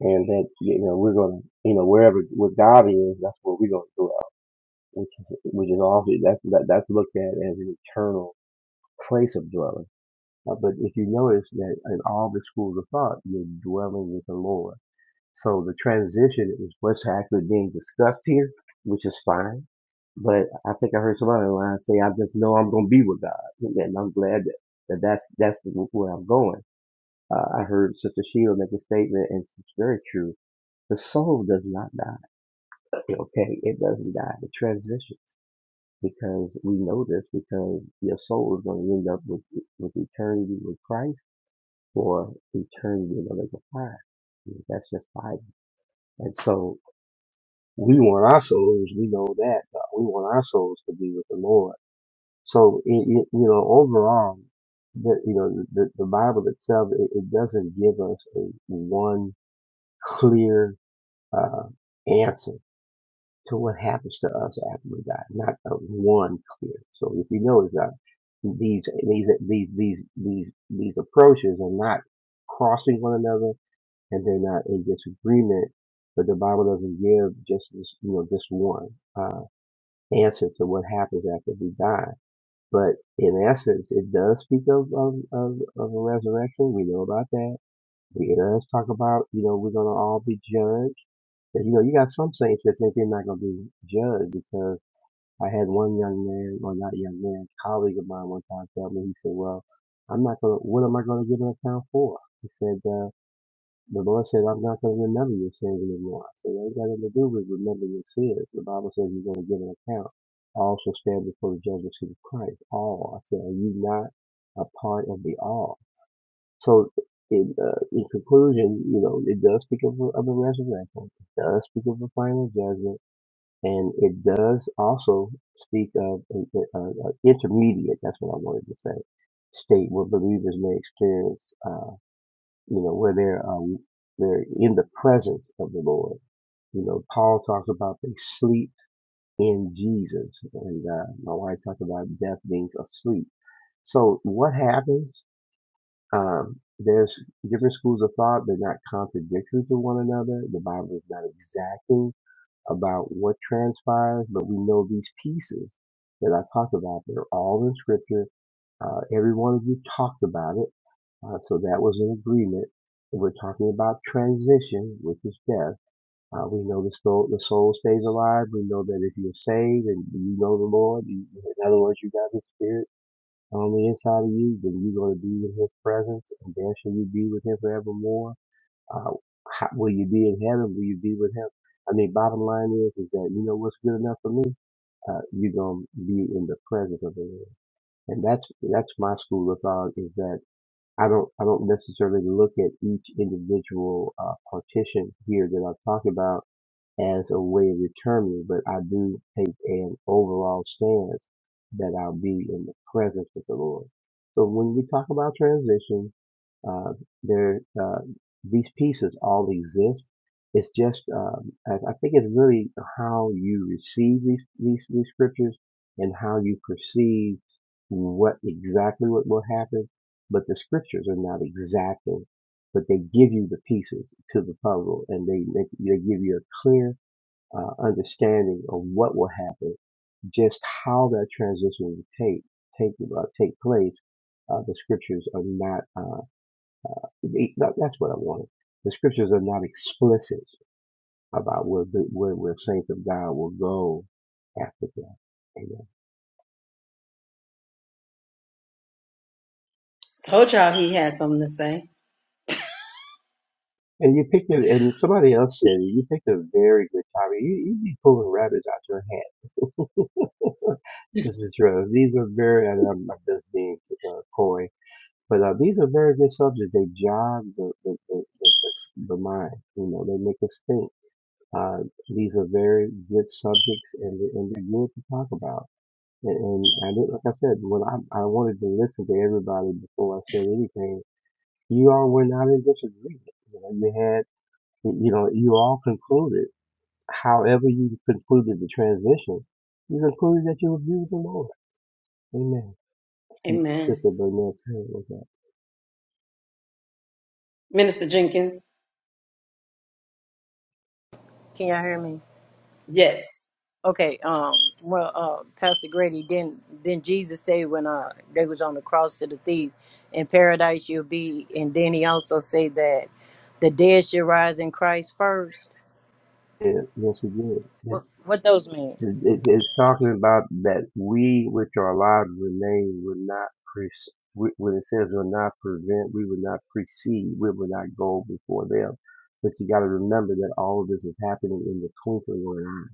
And that, you know, we're gonna, you know, wherever, where God is, that's where we're gonna dwell. Which is, which is also, that's, that, that's looked at as an eternal place of dwelling. Uh, but if you notice that in all the schools of thought, you're dwelling with the Lord So the transition is what's actually being discussed here, which is fine. But I think I heard somebody online say, "I just know I'm going to be with God," and I'm glad that, that that's that's where I'm going. Uh, I heard Sister Sheila make a statement, and it's very true. The soul does not die. Okay, it doesn't die. It transitions because we know this because your soul is going to end up with with eternity with Christ or eternity in the lake of fire. That's just Bible. And so we want our souls. We know that God. we want our souls to be with the Lord. So it, it, you know, overall, the, you know, the, the Bible itself it, it doesn't give us a one clear uh, answer to what happens to us after we die. Not a one clear. So if you notice that these these these these these these approaches are not crossing one another, and they're not in disagreement. But the Bible doesn't give just this, you know, just one. uh, answer to what happens after we die. But in essence, it does speak of of of, of a resurrection. We know about that. It does talk about you know we're gonna all be judged. But, you know, you got some saints that think they're not gonna be judged because I had one young man, or not young man, colleague of mine one time tell me he said, "Well, I'm not gonna. What am I gonna give an account for?" He said. Uh, the Lord said, I'm not going to remember your sins anymore. I said, that ain't got nothing to do with remembering your sins. The Bible says you're going to give an account. I also stand before the judgment seat of Christ. All. I said, are you not a part of the all? So, in, uh, in conclusion, you know, it does speak of, of the resurrection. It does speak of a final judgment. And it does also speak of an an- an intermediate, that's what I wanted to say, state where believers may experience. uh, you know, where they're um, they're in the presence of the Lord. You know, Paul talks about they sleep in Jesus, and uh, my wife talked about death being asleep. So what happens? Um, there's different schools of thought. They're not contradictory to one another. The Bible is not exacting about what transpires, but we know these pieces that I talked about. They're all in Scripture. Uh, every one of you talked about it. Uh, so that was an agreement. And we're talking about transition, which is death. Uh, we know the soul, the soul stays alive. We know that if you're saved and you know the Lord, you, in other words, you got the Spirit on the inside of you, then you're going to be in His presence, and then shall you be with Him forevermore. Uh, how, will you be in heaven? Will you be with Him? I mean, bottom line is, is that you know what's good enough for me. Uh, you're going to be in the presence of the Lord, and that's that's my school of thought is that. I don't I don't necessarily look at each individual uh, partition here that I've talked about as a way of determining, but I do take an overall stance that I'll be in the presence of the Lord. So when we talk about transition, uh, there uh, these pieces all exist. It's just um, I, I think it's really how you receive these, these these scriptures and how you perceive what exactly what will happen. But the scriptures are not exacting, but they give you the pieces to the puzzle, and they make, they give you a clear uh, understanding of what will happen, just how that transition will take take uh, take place. Uh, the scriptures are not. Uh, they- that- that's what I wanted. The scriptures are not explicit about where the- where, where saints of God will go after death. Amen.
Told y'all he had something to say.
And you picked it, and somebody else said it, you picked a very good topic. You you be pulling rabbits out your hat, Sister Rose. These are very, and I'm, I'm just being uh, coy But uh, these are very good subjects. They jog the the, the, the, the mind. You know, they make us think. Uh, these are very good subjects, and they- and they're good to talk about. And, and I did, like I said, when I I wanted to listen to everybody before I said anything, you all were not in disagreement. You know, you had, you know, you all concluded, however you concluded the transition, you concluded that you agree with the Lord. Amen. See,
Amen.
Sister Burnett, tell you about that.
Minister Jenkins.
Can y'all hear me?
Yes.
Okay, um, well, uh, Pastor Grady, then, then Jesus said when uh, they was on the cross to the thief, in paradise you'll be, and then he also said that the dead should rise in Christ first.
Yeah, yes, she did.
What, what those mean?
It- It's talking about that we which are alive and remain will not pre- when it says will not prevent, we will not precede, we will not go before them. But you got to remember that all of this is happening in the twinkling of an eye.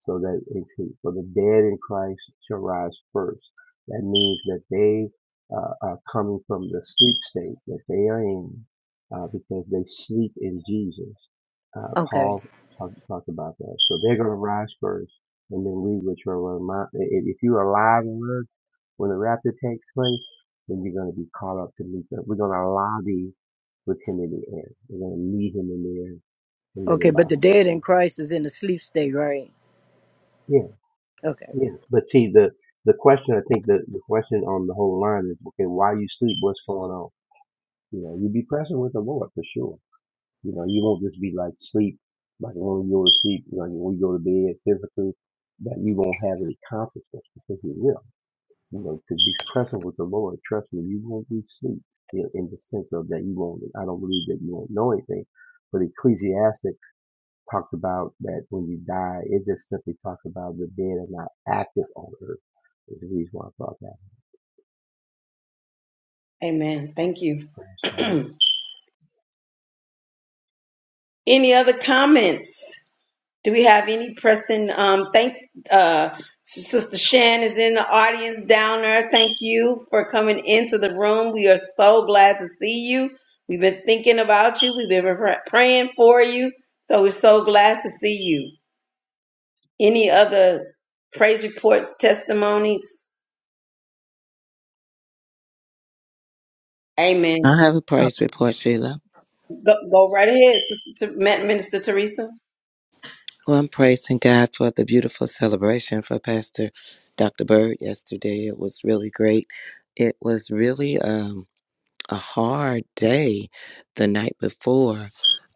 So that it for the dead in Christ shall rise first. That means that they uh, are coming from the sleep state that they are in uh, because they sleep in Jesus. Uh,
Okay,
Paul talked talked about that. So they're going to rise first, and then we, which are remi- if you are alive in earth when the rapture takes place, then you're going to be called up to meet them. We're going to lobby with him in the air. We're going to meet him in the air, and then
okay,
the
but the
Bible
dead in
says,
Christ is in the sleep state, right?
yeah, Yes, but see the the question. I think the the question on the whole line is okay. While you sleep, what's going on? You know, you be present with the Lord for sure. You know, you won't just be like sleep, like when you go to sleep. You know, when you go to bed physically, that you won't have any consciousness because you will. You know, to be present with the Lord. Trust me, you won't be asleep. You know, in the sense of that you won't. I don't believe that you won't know anything. But Ecclesiastic talked about that when you die, it just simply talks about the dead are not active on earth. Is the reason why I brought that
Amen. Thank you.
up. Uh,
Any other comments? Do we have any person? Um, thank uh, Sister Shan is in the audience down there. Thank you for coming into the room. We are so glad to see you. We've been thinking about you. We've been pr- praying for you. So we're so glad to see you. Any other praise reports, testimonies? Amen.
I have a praise report, Sheila.
Go, go right ahead, Sister Ter- Ma- Minister Teresa.
Well, I'm praising God for the beautiful celebration for Pastor Dr. Bird yesterday. It was really great. It was really, um, a hard day the night before.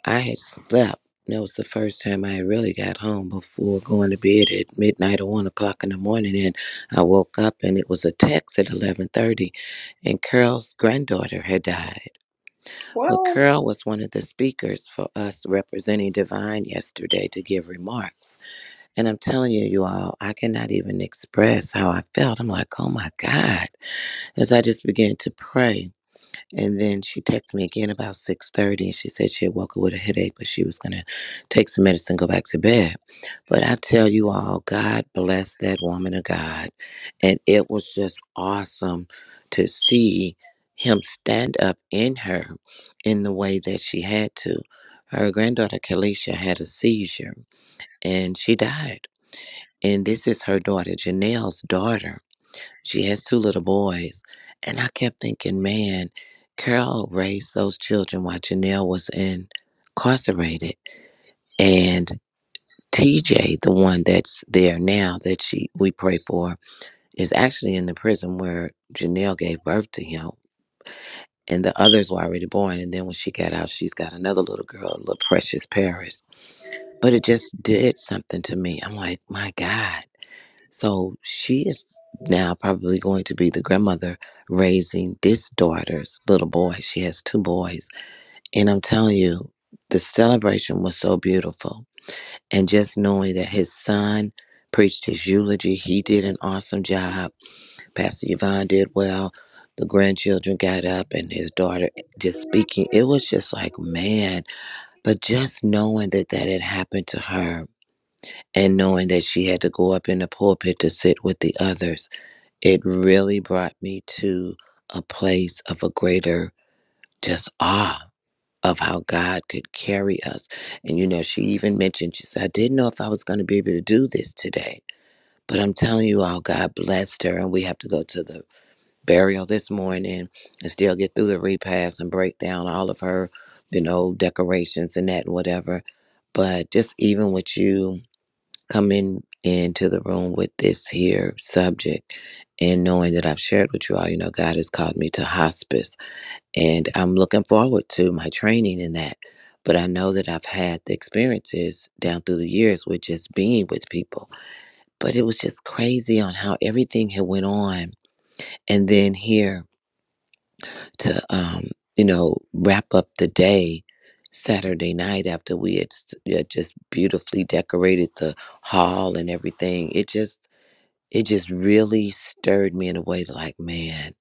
I had slept. That was the first time I really got home before going to bed at midnight or one o'clock in the morning. And I woke up and it was a text at eleven thirty, and Carol's granddaughter had died. Well,
What?
Carol was one of the speakers for us representing Divine yesterday to give remarks. And I'm telling you, you all, I cannot even express how I felt. I'm like, oh my God, as I just began to pray. And then she texted me again about 6.30 and she said she had woke up with a headache, but she was going to take some medicine, go back to bed. But I tell you all, God bless that woman of God. And it was just awesome to see him stand up in her in the way that she had to. Her granddaughter, Kalisha, had a seizure and she died. And this is her daughter, Janelle's daughter she has two little boys. And I kept thinking, man, Carol raised those children while Janelle was incarcerated. And TJ, the one that's there now that she we pray for, is actually in the prison where Janelle gave birth to him. And the others were already born. And then when she got out, she's got another little girl, little precious Paris. But it just did something to me. I'm like, my God So she is now probably going to be the grandmother raising this daughter's little boy. She has two boys. And I'm telling you, the celebration was so beautiful. And just knowing that his son preached his eulogy, he did an awesome job. Pastor Yvonne did well. The grandchildren got up and his daughter just speaking. It was just like, man. But just knowing that that had happened to her and knowing that she had to go up in the pulpit to sit with the others it really brought me to a place of a greater just awe of how God could carry us. And you know, she even mentioned, she said, I didn't know if I was going to be able to do this today. But I'm telling you all, God blessed her. And we have to go to the burial this morning and still get through the repast and break down all of her, you know, decorations and that and whatever. But just even with you, coming into the room with this here subject and knowing that I've shared with you all, you know, God has called me to hospice and I'm looking forward to my training in that. But I know that I've had the experiences down through the years with just being with people. But it was just crazy on how everything had went on. And then here to, um, you know, wrap up the day Saturday night after we had s- had just beautifully decorated the hall and everything. It just it just really stirred me in a way like, man,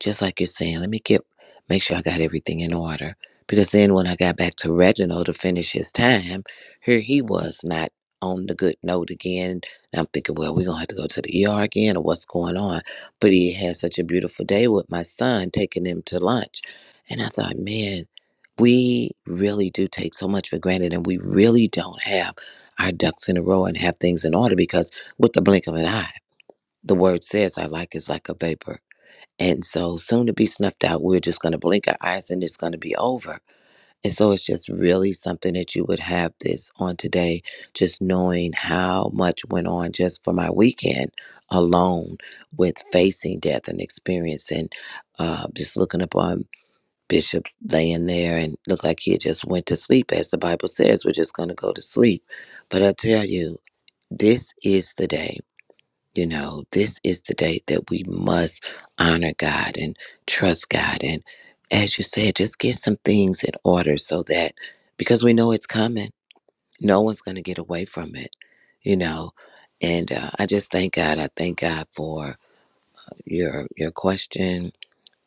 just like you're saying, let me get make sure I got everything in order. Because then when I got back to Reginald to finish his time, here he was not on the good note again. And I'm thinking, well, we're gonna have to go to the ER again or what's going on. But he had such a beautiful day with my son taking him to lunch. And I thought, man, we really do take so much for granted and we really don't have our ducks in a row and have things in order because with the blink of an eye the word says our life is like a vapor. And so soon to be snuffed out, we're just going to blink our eyes and it's going to be over. And so it's just really something that you would have this on today, just knowing how much went on just for my weekend alone with facing death and experiencing, uh, just looking upon Bishop laying there and looked like he had just went to sleep. As the Bible says, we're just going to go to sleep. But I tell you, this is the day you know, this is the day that we must honor God and trust God. And as you said, just get some things in order so that because we know it's coming, no one's going to get away from it, you know. And uh, I just thank God. I thank God for your your question.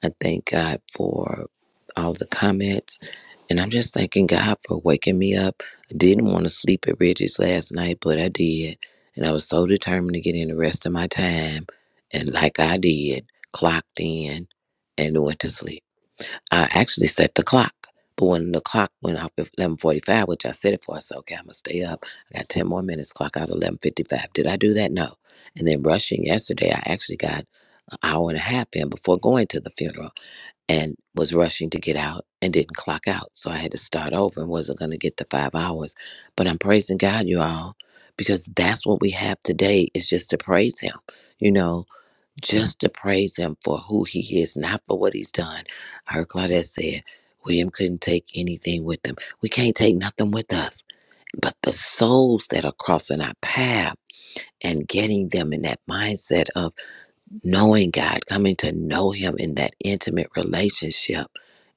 I thank God for all the comments and I'm just thanking God for waking me up. I didn't want to sleep at Reggie's last night, but I did. And I was so determined to get in the rest of my time. And like I did, clocked in and went to sleep. I actually set the clock. But when the clock went off at 11.45, which I set it for, I said, okay, I'm going to stay up. I got 10 more minutes, clock out at 11.55. Did I do that? No. And then rushing yesterday, I actually got an hour and a half in before going to the funeral and was rushing to get out and didn't clock out. So I had to start over and wasn't going to get the five hours. But I'm praising God, you all, because that's what we have today is just to praise Him, you know, just to praise Him for who He is, not for what He's done. I heard Claudette said, William couldn't take anything with him. We can't take nothing with us. But the souls that are crossing our path and getting them in that mindset of, knowing God, coming to know Him in that intimate relationship.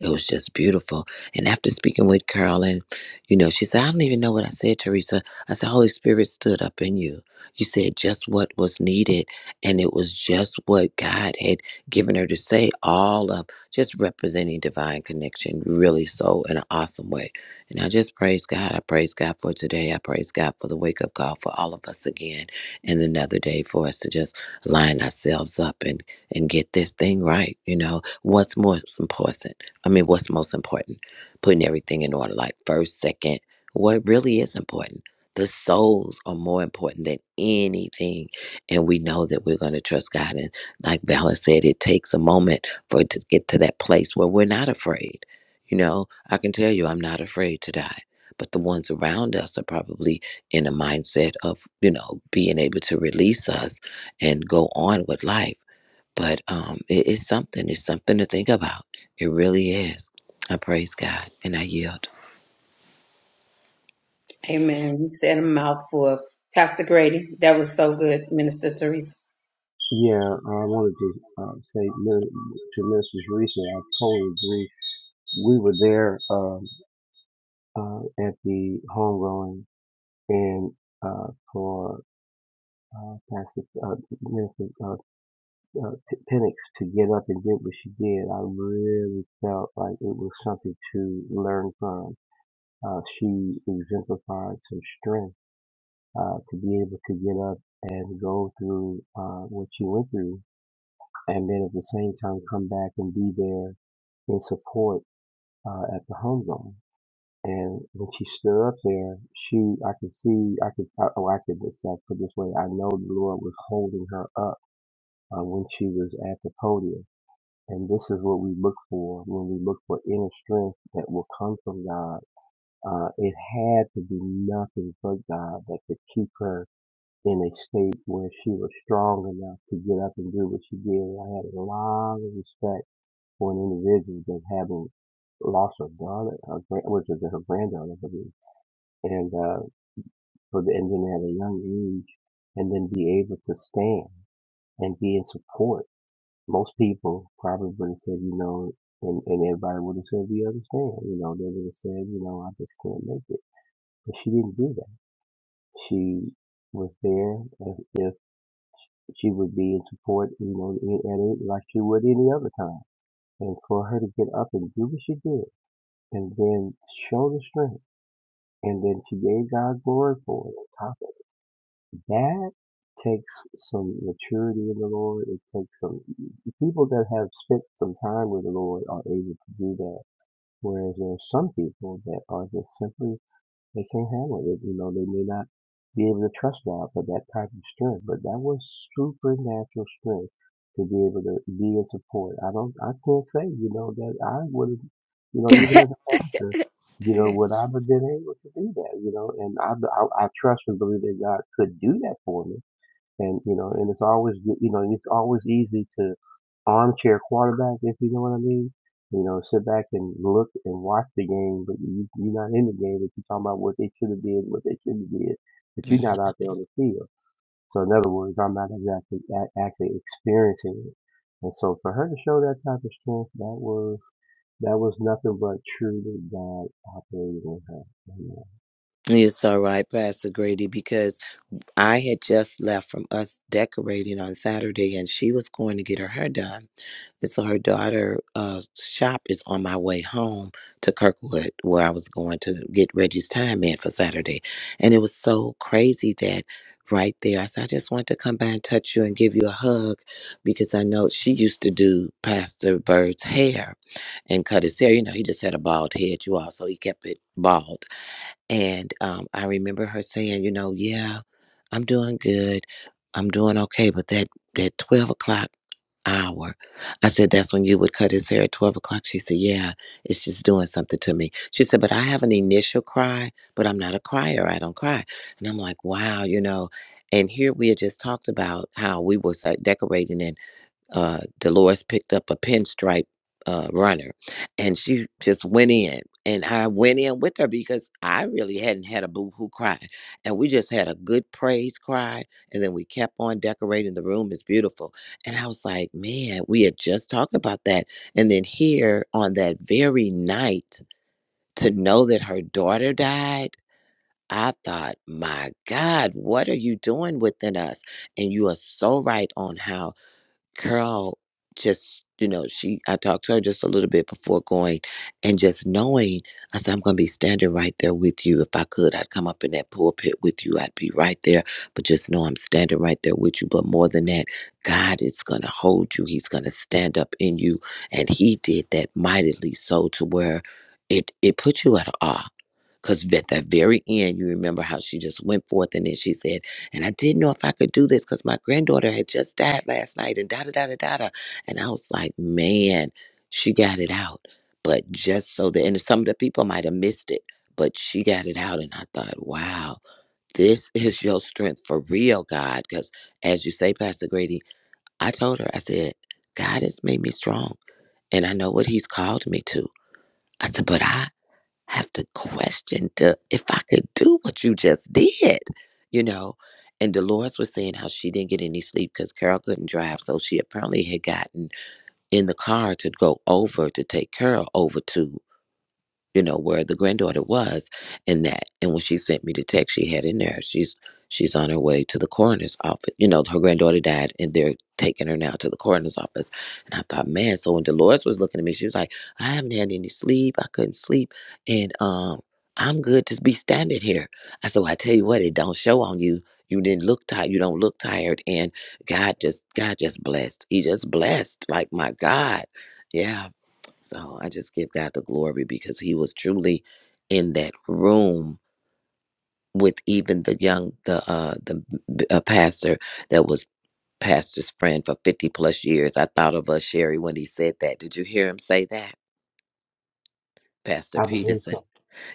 It was just beautiful. And after speaking with Carolyn, you know, she said, I don't even know what I said, Teresa. I said, Holy Spirit stood up in you. You said just what was needed. And it was just what God had given her to say, all of just representing divine connection, really so in an awesome way. And I just praise God. I praise God for today. I praise God for the wake up call for all of us again and another day for us to just line ourselves up and and get this thing right. You know, what's most important? I mean, what's most important? Putting everything in order, like first, second. What really is important? The souls are more important than anything, and we know that we're going to trust God. And like Valor said, it takes a moment for it to get to that place where we're not afraid. You know, I can tell you, I'm not afraid to die. But the ones around us are probably in a mindset of, you know, being able to release us and go on with life. But um, it is something. It's something to think about. It really is. I praise God and I yield.
Amen. You said a mouthful, Pastor Grady. That was so good, Minister Teresa.
yeah, I wanted to uh, say to Minister Teresa, I totally agree. We were there um, uh, at the homegoing and uh, for uh, Pastor uh, Minister uh, uh, Penix to get up and did what she did. I really felt like it was something to learn from. Uh, she exemplified some strength uh, to be able to get up and go through uh, what you went through, and then at the same time come back and be there in support uh, at the home zone. And when she stood up there, she I could see I could I, oh I could just uh, put it this way I know the Lord was holding her up uh, when she was at the podium. And this is what we look for when we look for inner strength that will come from God. Uh, it had to be nothing but God that could keep her in a state where she was strong enough to get up and do what she did. I had a lot of respect for an individual that having lost her daughter, her grand, which was her granddaughter, I believe, and uh, for the and then at a young age, and then be able to stand and be in support. Most people probably would have said, you know, and, and everybody would have said, we understand, you know, they would have said, you know, I just can't make it. But she didn't do that. She was there as as she would be in support, you know, in- it like she would any other time. And for her to get up and do what she did, and then show the strength, and then she gave God glory for it. On top of it. that, takes some maturity in the Lord. It takes some people that have spent some time with the Lord are able to do that. Whereas there are some people that are just simply They can't handle it. You know, they may not be able to trust God for that type of strength, but that was supernatural strength to be able to be in support. I don't, I can't say, you know, that I would have, you know, even as a pastor, you know, would I have been able to do that, you know, and I, I, I trust and believe that God could do that for me and you know, and it's always you know, and it's always easy to armchair quarterback, if you know what I mean. You know, sit back and look and watch the game, but you, you're not in the game. But you're talking about what they should have did, what they should have did, but you're
Mhm.
not out there on the field. So in other words, I'm not exactly a- actually experiencing it. And so for her to show that type of strength, that was that was nothing but truly God operating in her. Amen.
It's all right, Pastor Grady, because I had just left from us decorating on Saturday and she was going to get her hair done. And so her daughter' uh, shop is on my way home to Kirkwood, where I was going to get Reggie's time in for Saturday. And it was so crazy that right there, I said, I just wanted to come by and touch you and give you a hug because I know she used to do Pastor Bird's hair and cut his hair. You know, he just had a bald head, you all, so he kept it bald. And um, I remember her saying, you know, yeah. I'm doing good. I'm doing okay. But that that twelve o'clock hour, I said that's when you would cut his hair at twelve o'clock. She said, Yeah, it's just doing something to me. She said, But I have an initial cry, but I'm not a crier. I don't cry. And I'm like, Wow, you know. And here we had just talked about how we were sa- decorating, and uh, Dolores picked up a pinstripe uh, runner and she just went in. And I went in with her because I really hadn't had a boo hoo cry. And we just had a good praise cry. And then we kept on decorating. The room is beautiful. And I was like, man, we had just talked about that. And then here on that very night, to know that her daughter died, I thought, my God, what are you doing within us? And you are so right on how Carl just, you know, she I talked to her just a little bit before going and just knowing I said, I'm gonna be standing right there with you. If I could, I'd come up in that pulpit with you. I'd be right there. But just know I'm standing right there with you. But more than that, God is gonna hold you. He's gonna stand up in you. And he did that mightily so to where it it put you at awe because at that very end, you remember how she just went forth and then she said, And I didn't know if I could do this because my granddaughter had just died last night and da da da da da. da." And I was like, Man, she got it out. But just so that, and some of the people might have missed it, but she got it out. And I thought, Wow, this is your strength for real, God. Because as you say, Pastor Grady, I told her, I said, God has made me strong and I know what He's called me to. I said, But I have to question to, if I could do what you just did, you know. And Dolores was saying how she didn't get any sleep because Carol couldn't drive. So she apparently had gotten in the car to go over to take Carol over to you know, where the granddaughter was and that. And when she sent me the text she had in there, she's she's on her way to the coroner's office. You know, her granddaughter died and they're taking her now to the coroner's office. And I thought, man, so when Dolores was looking at me, she was like, I haven't had any sleep. I couldn't sleep. And um I'm good to be standing here. I said, well, I tell you what, it don't show on you. You didn't look tired. You don't look tired. And God just God just blessed. He just blessed. Like my God. Yeah. So I just give God the glory because he was truly in that room with even the young the uh the b- uh, pastor that was pastor's friend for 50 plus years. I thought of us Sherry when he said that. Did you hear him say that? Pastor
I believe
Peterson.
so.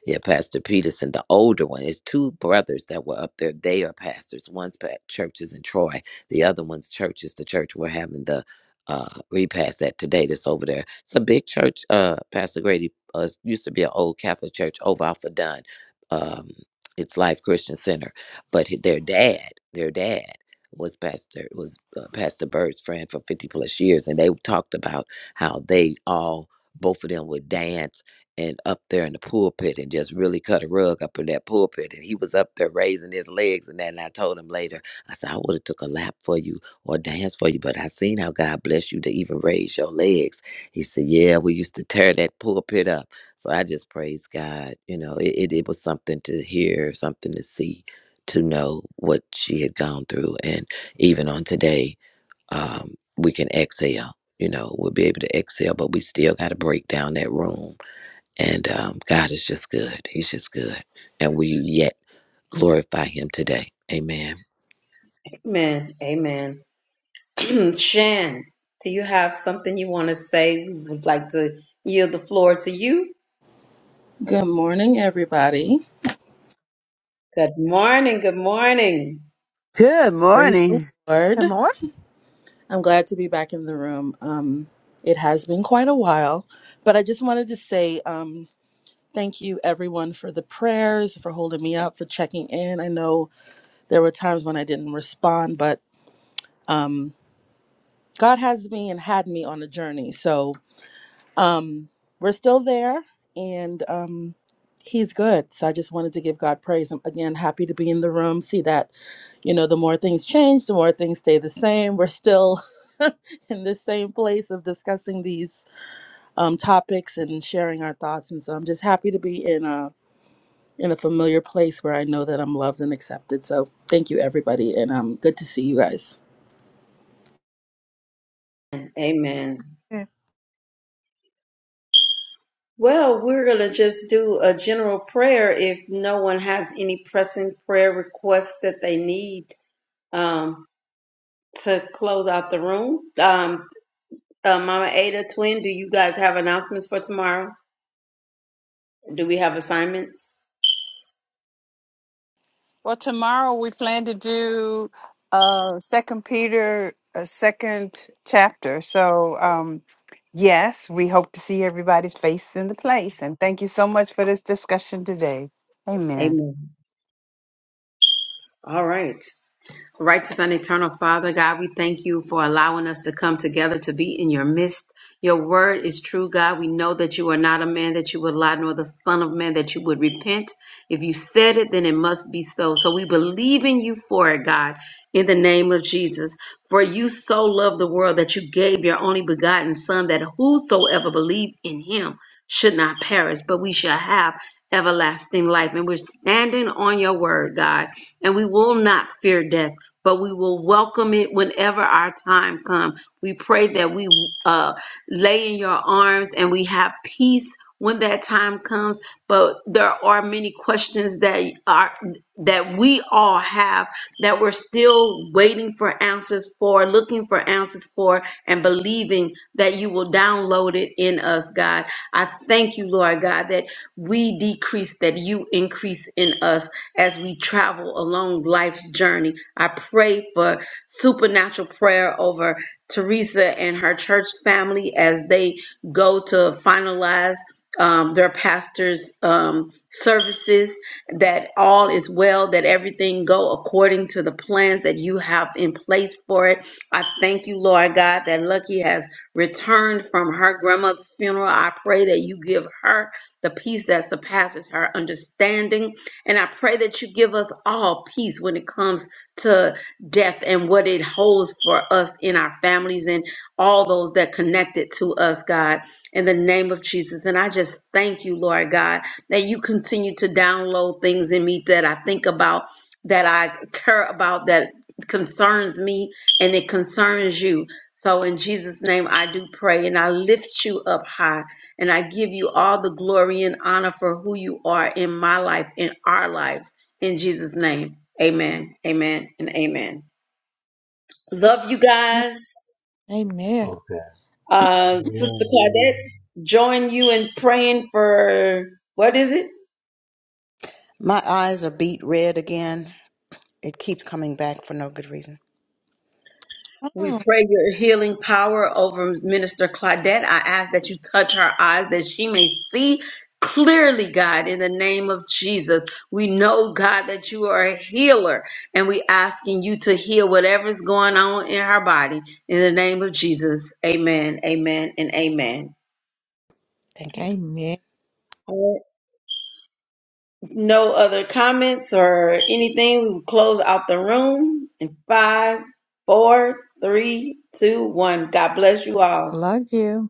Yeah, Pastor Peterson, the older one. It's two brothers that were up there. They are pastors. One's pa- churches in Troy. The other one's church is the church we're having the uh, repast at today. That's over there. It's a big church. Uh, Pastor Grady uh, it used to be an old Catholic church over off of Dunn. Um, it's Life Christian Center. But h- their dad, their dad was pastor was uh, Pastor Bird's friend for 50 plus years, and they talked about how they all both of them would dance and up there in the pulpit and just really cut a rug up in that pulpit. And he was up there raising his legs and that. And I told him later, I said, I would have took a lap for you or dance for you, but I seen how God blessed you to even raise your legs. He said, Yeah, we used to tear that pulpit up. So I just praise God. You know, it, it, it was something to hear, something to see, to know what she had gone through. And even on today, um, we can exhale. You know, we'll be able to exhale, but we still got to break down that room and um, God is just good. He's just good. And we yet glorify him today. Amen.
Amen. Amen. Shan, do you have something you want to say? We would like to yield the floor to you.
Good morning, everybody.
Good morning. Good morning.
Good
Praise the
morning.
Lord.
Good morning.
I'm glad to be back in the room. Um, it has been quite a while, but I just wanted to say um, thank you, everyone, for the prayers, for holding me up, for checking in. I know there were times when I didn't respond, but um, God has me and had me on a journey. So Um, we're still there, and um, he's good. So I just wanted to give God praise. I'm again happy to be in the room. See that, you know, the more things change, the more things stay the same. We're still in the same place of discussing these um, topics and sharing our thoughts. And so I'm just happy to be in a in a familiar place where I know that I'm loved and accepted. So thank you, everybody, and um, good to see you guys.
Amen. Well, we're going to just do a general prayer if no one has any pressing prayer requests that they need um, to close out the room. Um, uh, Mama Ada, Twin, do you guys have announcements for tomorrow? Do we have assignments?
Well, tomorrow we plan to do uh Second Peter, a second chapter. So, um, yes, we hope to see everybody's face in the place. And thank you so much for this discussion today. Amen.
Amen. All right. Righteous and eternal Father, God, we thank you for allowing us to come together to be in your midst. Your word is true, God. We know that you are not a man that you would lie, nor the Son of Man that you would repent. If you said it, then it must be so. So we believe in you for it, God, in the name of Jesus. For you so loved the world that you gave your only begotten Son, that whosoever believed in him should not perish, but we shall have everlasting life. And we're standing on your word, God and we will not fear death but we will welcome it whenever our time comes. We pray that we uh, lay in your arms and we have peace when that time comes. But there are many questions that are that we all have that we're still waiting for answers for, looking for answers for, and believing that you will download it in us, God. I thank you, Lord God, that we decrease, that you increase in us as we travel along life's journey. I pray for supernatural prayer over Teresa and her church family as they go to finalize um, their pastor's um, services, that all is well, that everything go according to the plans that you have in place for it. I thank you, Lord God, that Lucky has returned from her grandmother's funeral. I pray that you give her the peace that surpasses her understanding and I pray that you give us all peace when it comes to death and what it holds for us in our families and all those that connected to us, God, in the name of Jesus. And I just thank you, Lord God, that you continue to download things in me that I think about, that I care about, that concerns me, and it concerns you. So in Jesus' name, I do pray and I lift you up high. And I give you all the glory and honor for who you are in my life, in our lives. In Jesus' name, amen, amen, and amen. Love you guys.
Amen.
Okay.
Uh,
Mm.
Sister
Yeah.
Claudette, join you in praying for what is it?
My eyes are beat red again. It keeps coming back for no good reason.
We
Oh,
pray your healing power over Minister Claudette. I ask that you touch her eyes that she may see clearly, God, in the name of Jesus. We know, God, that you are a healer and we asking you to heal whatever's going on in her body in the name of Jesus. Amen, amen, and amen.
Thank you.
amen.
right. No other comments or anything. We will close out the room in five, four, three, two, one. God bless you all.
Love you.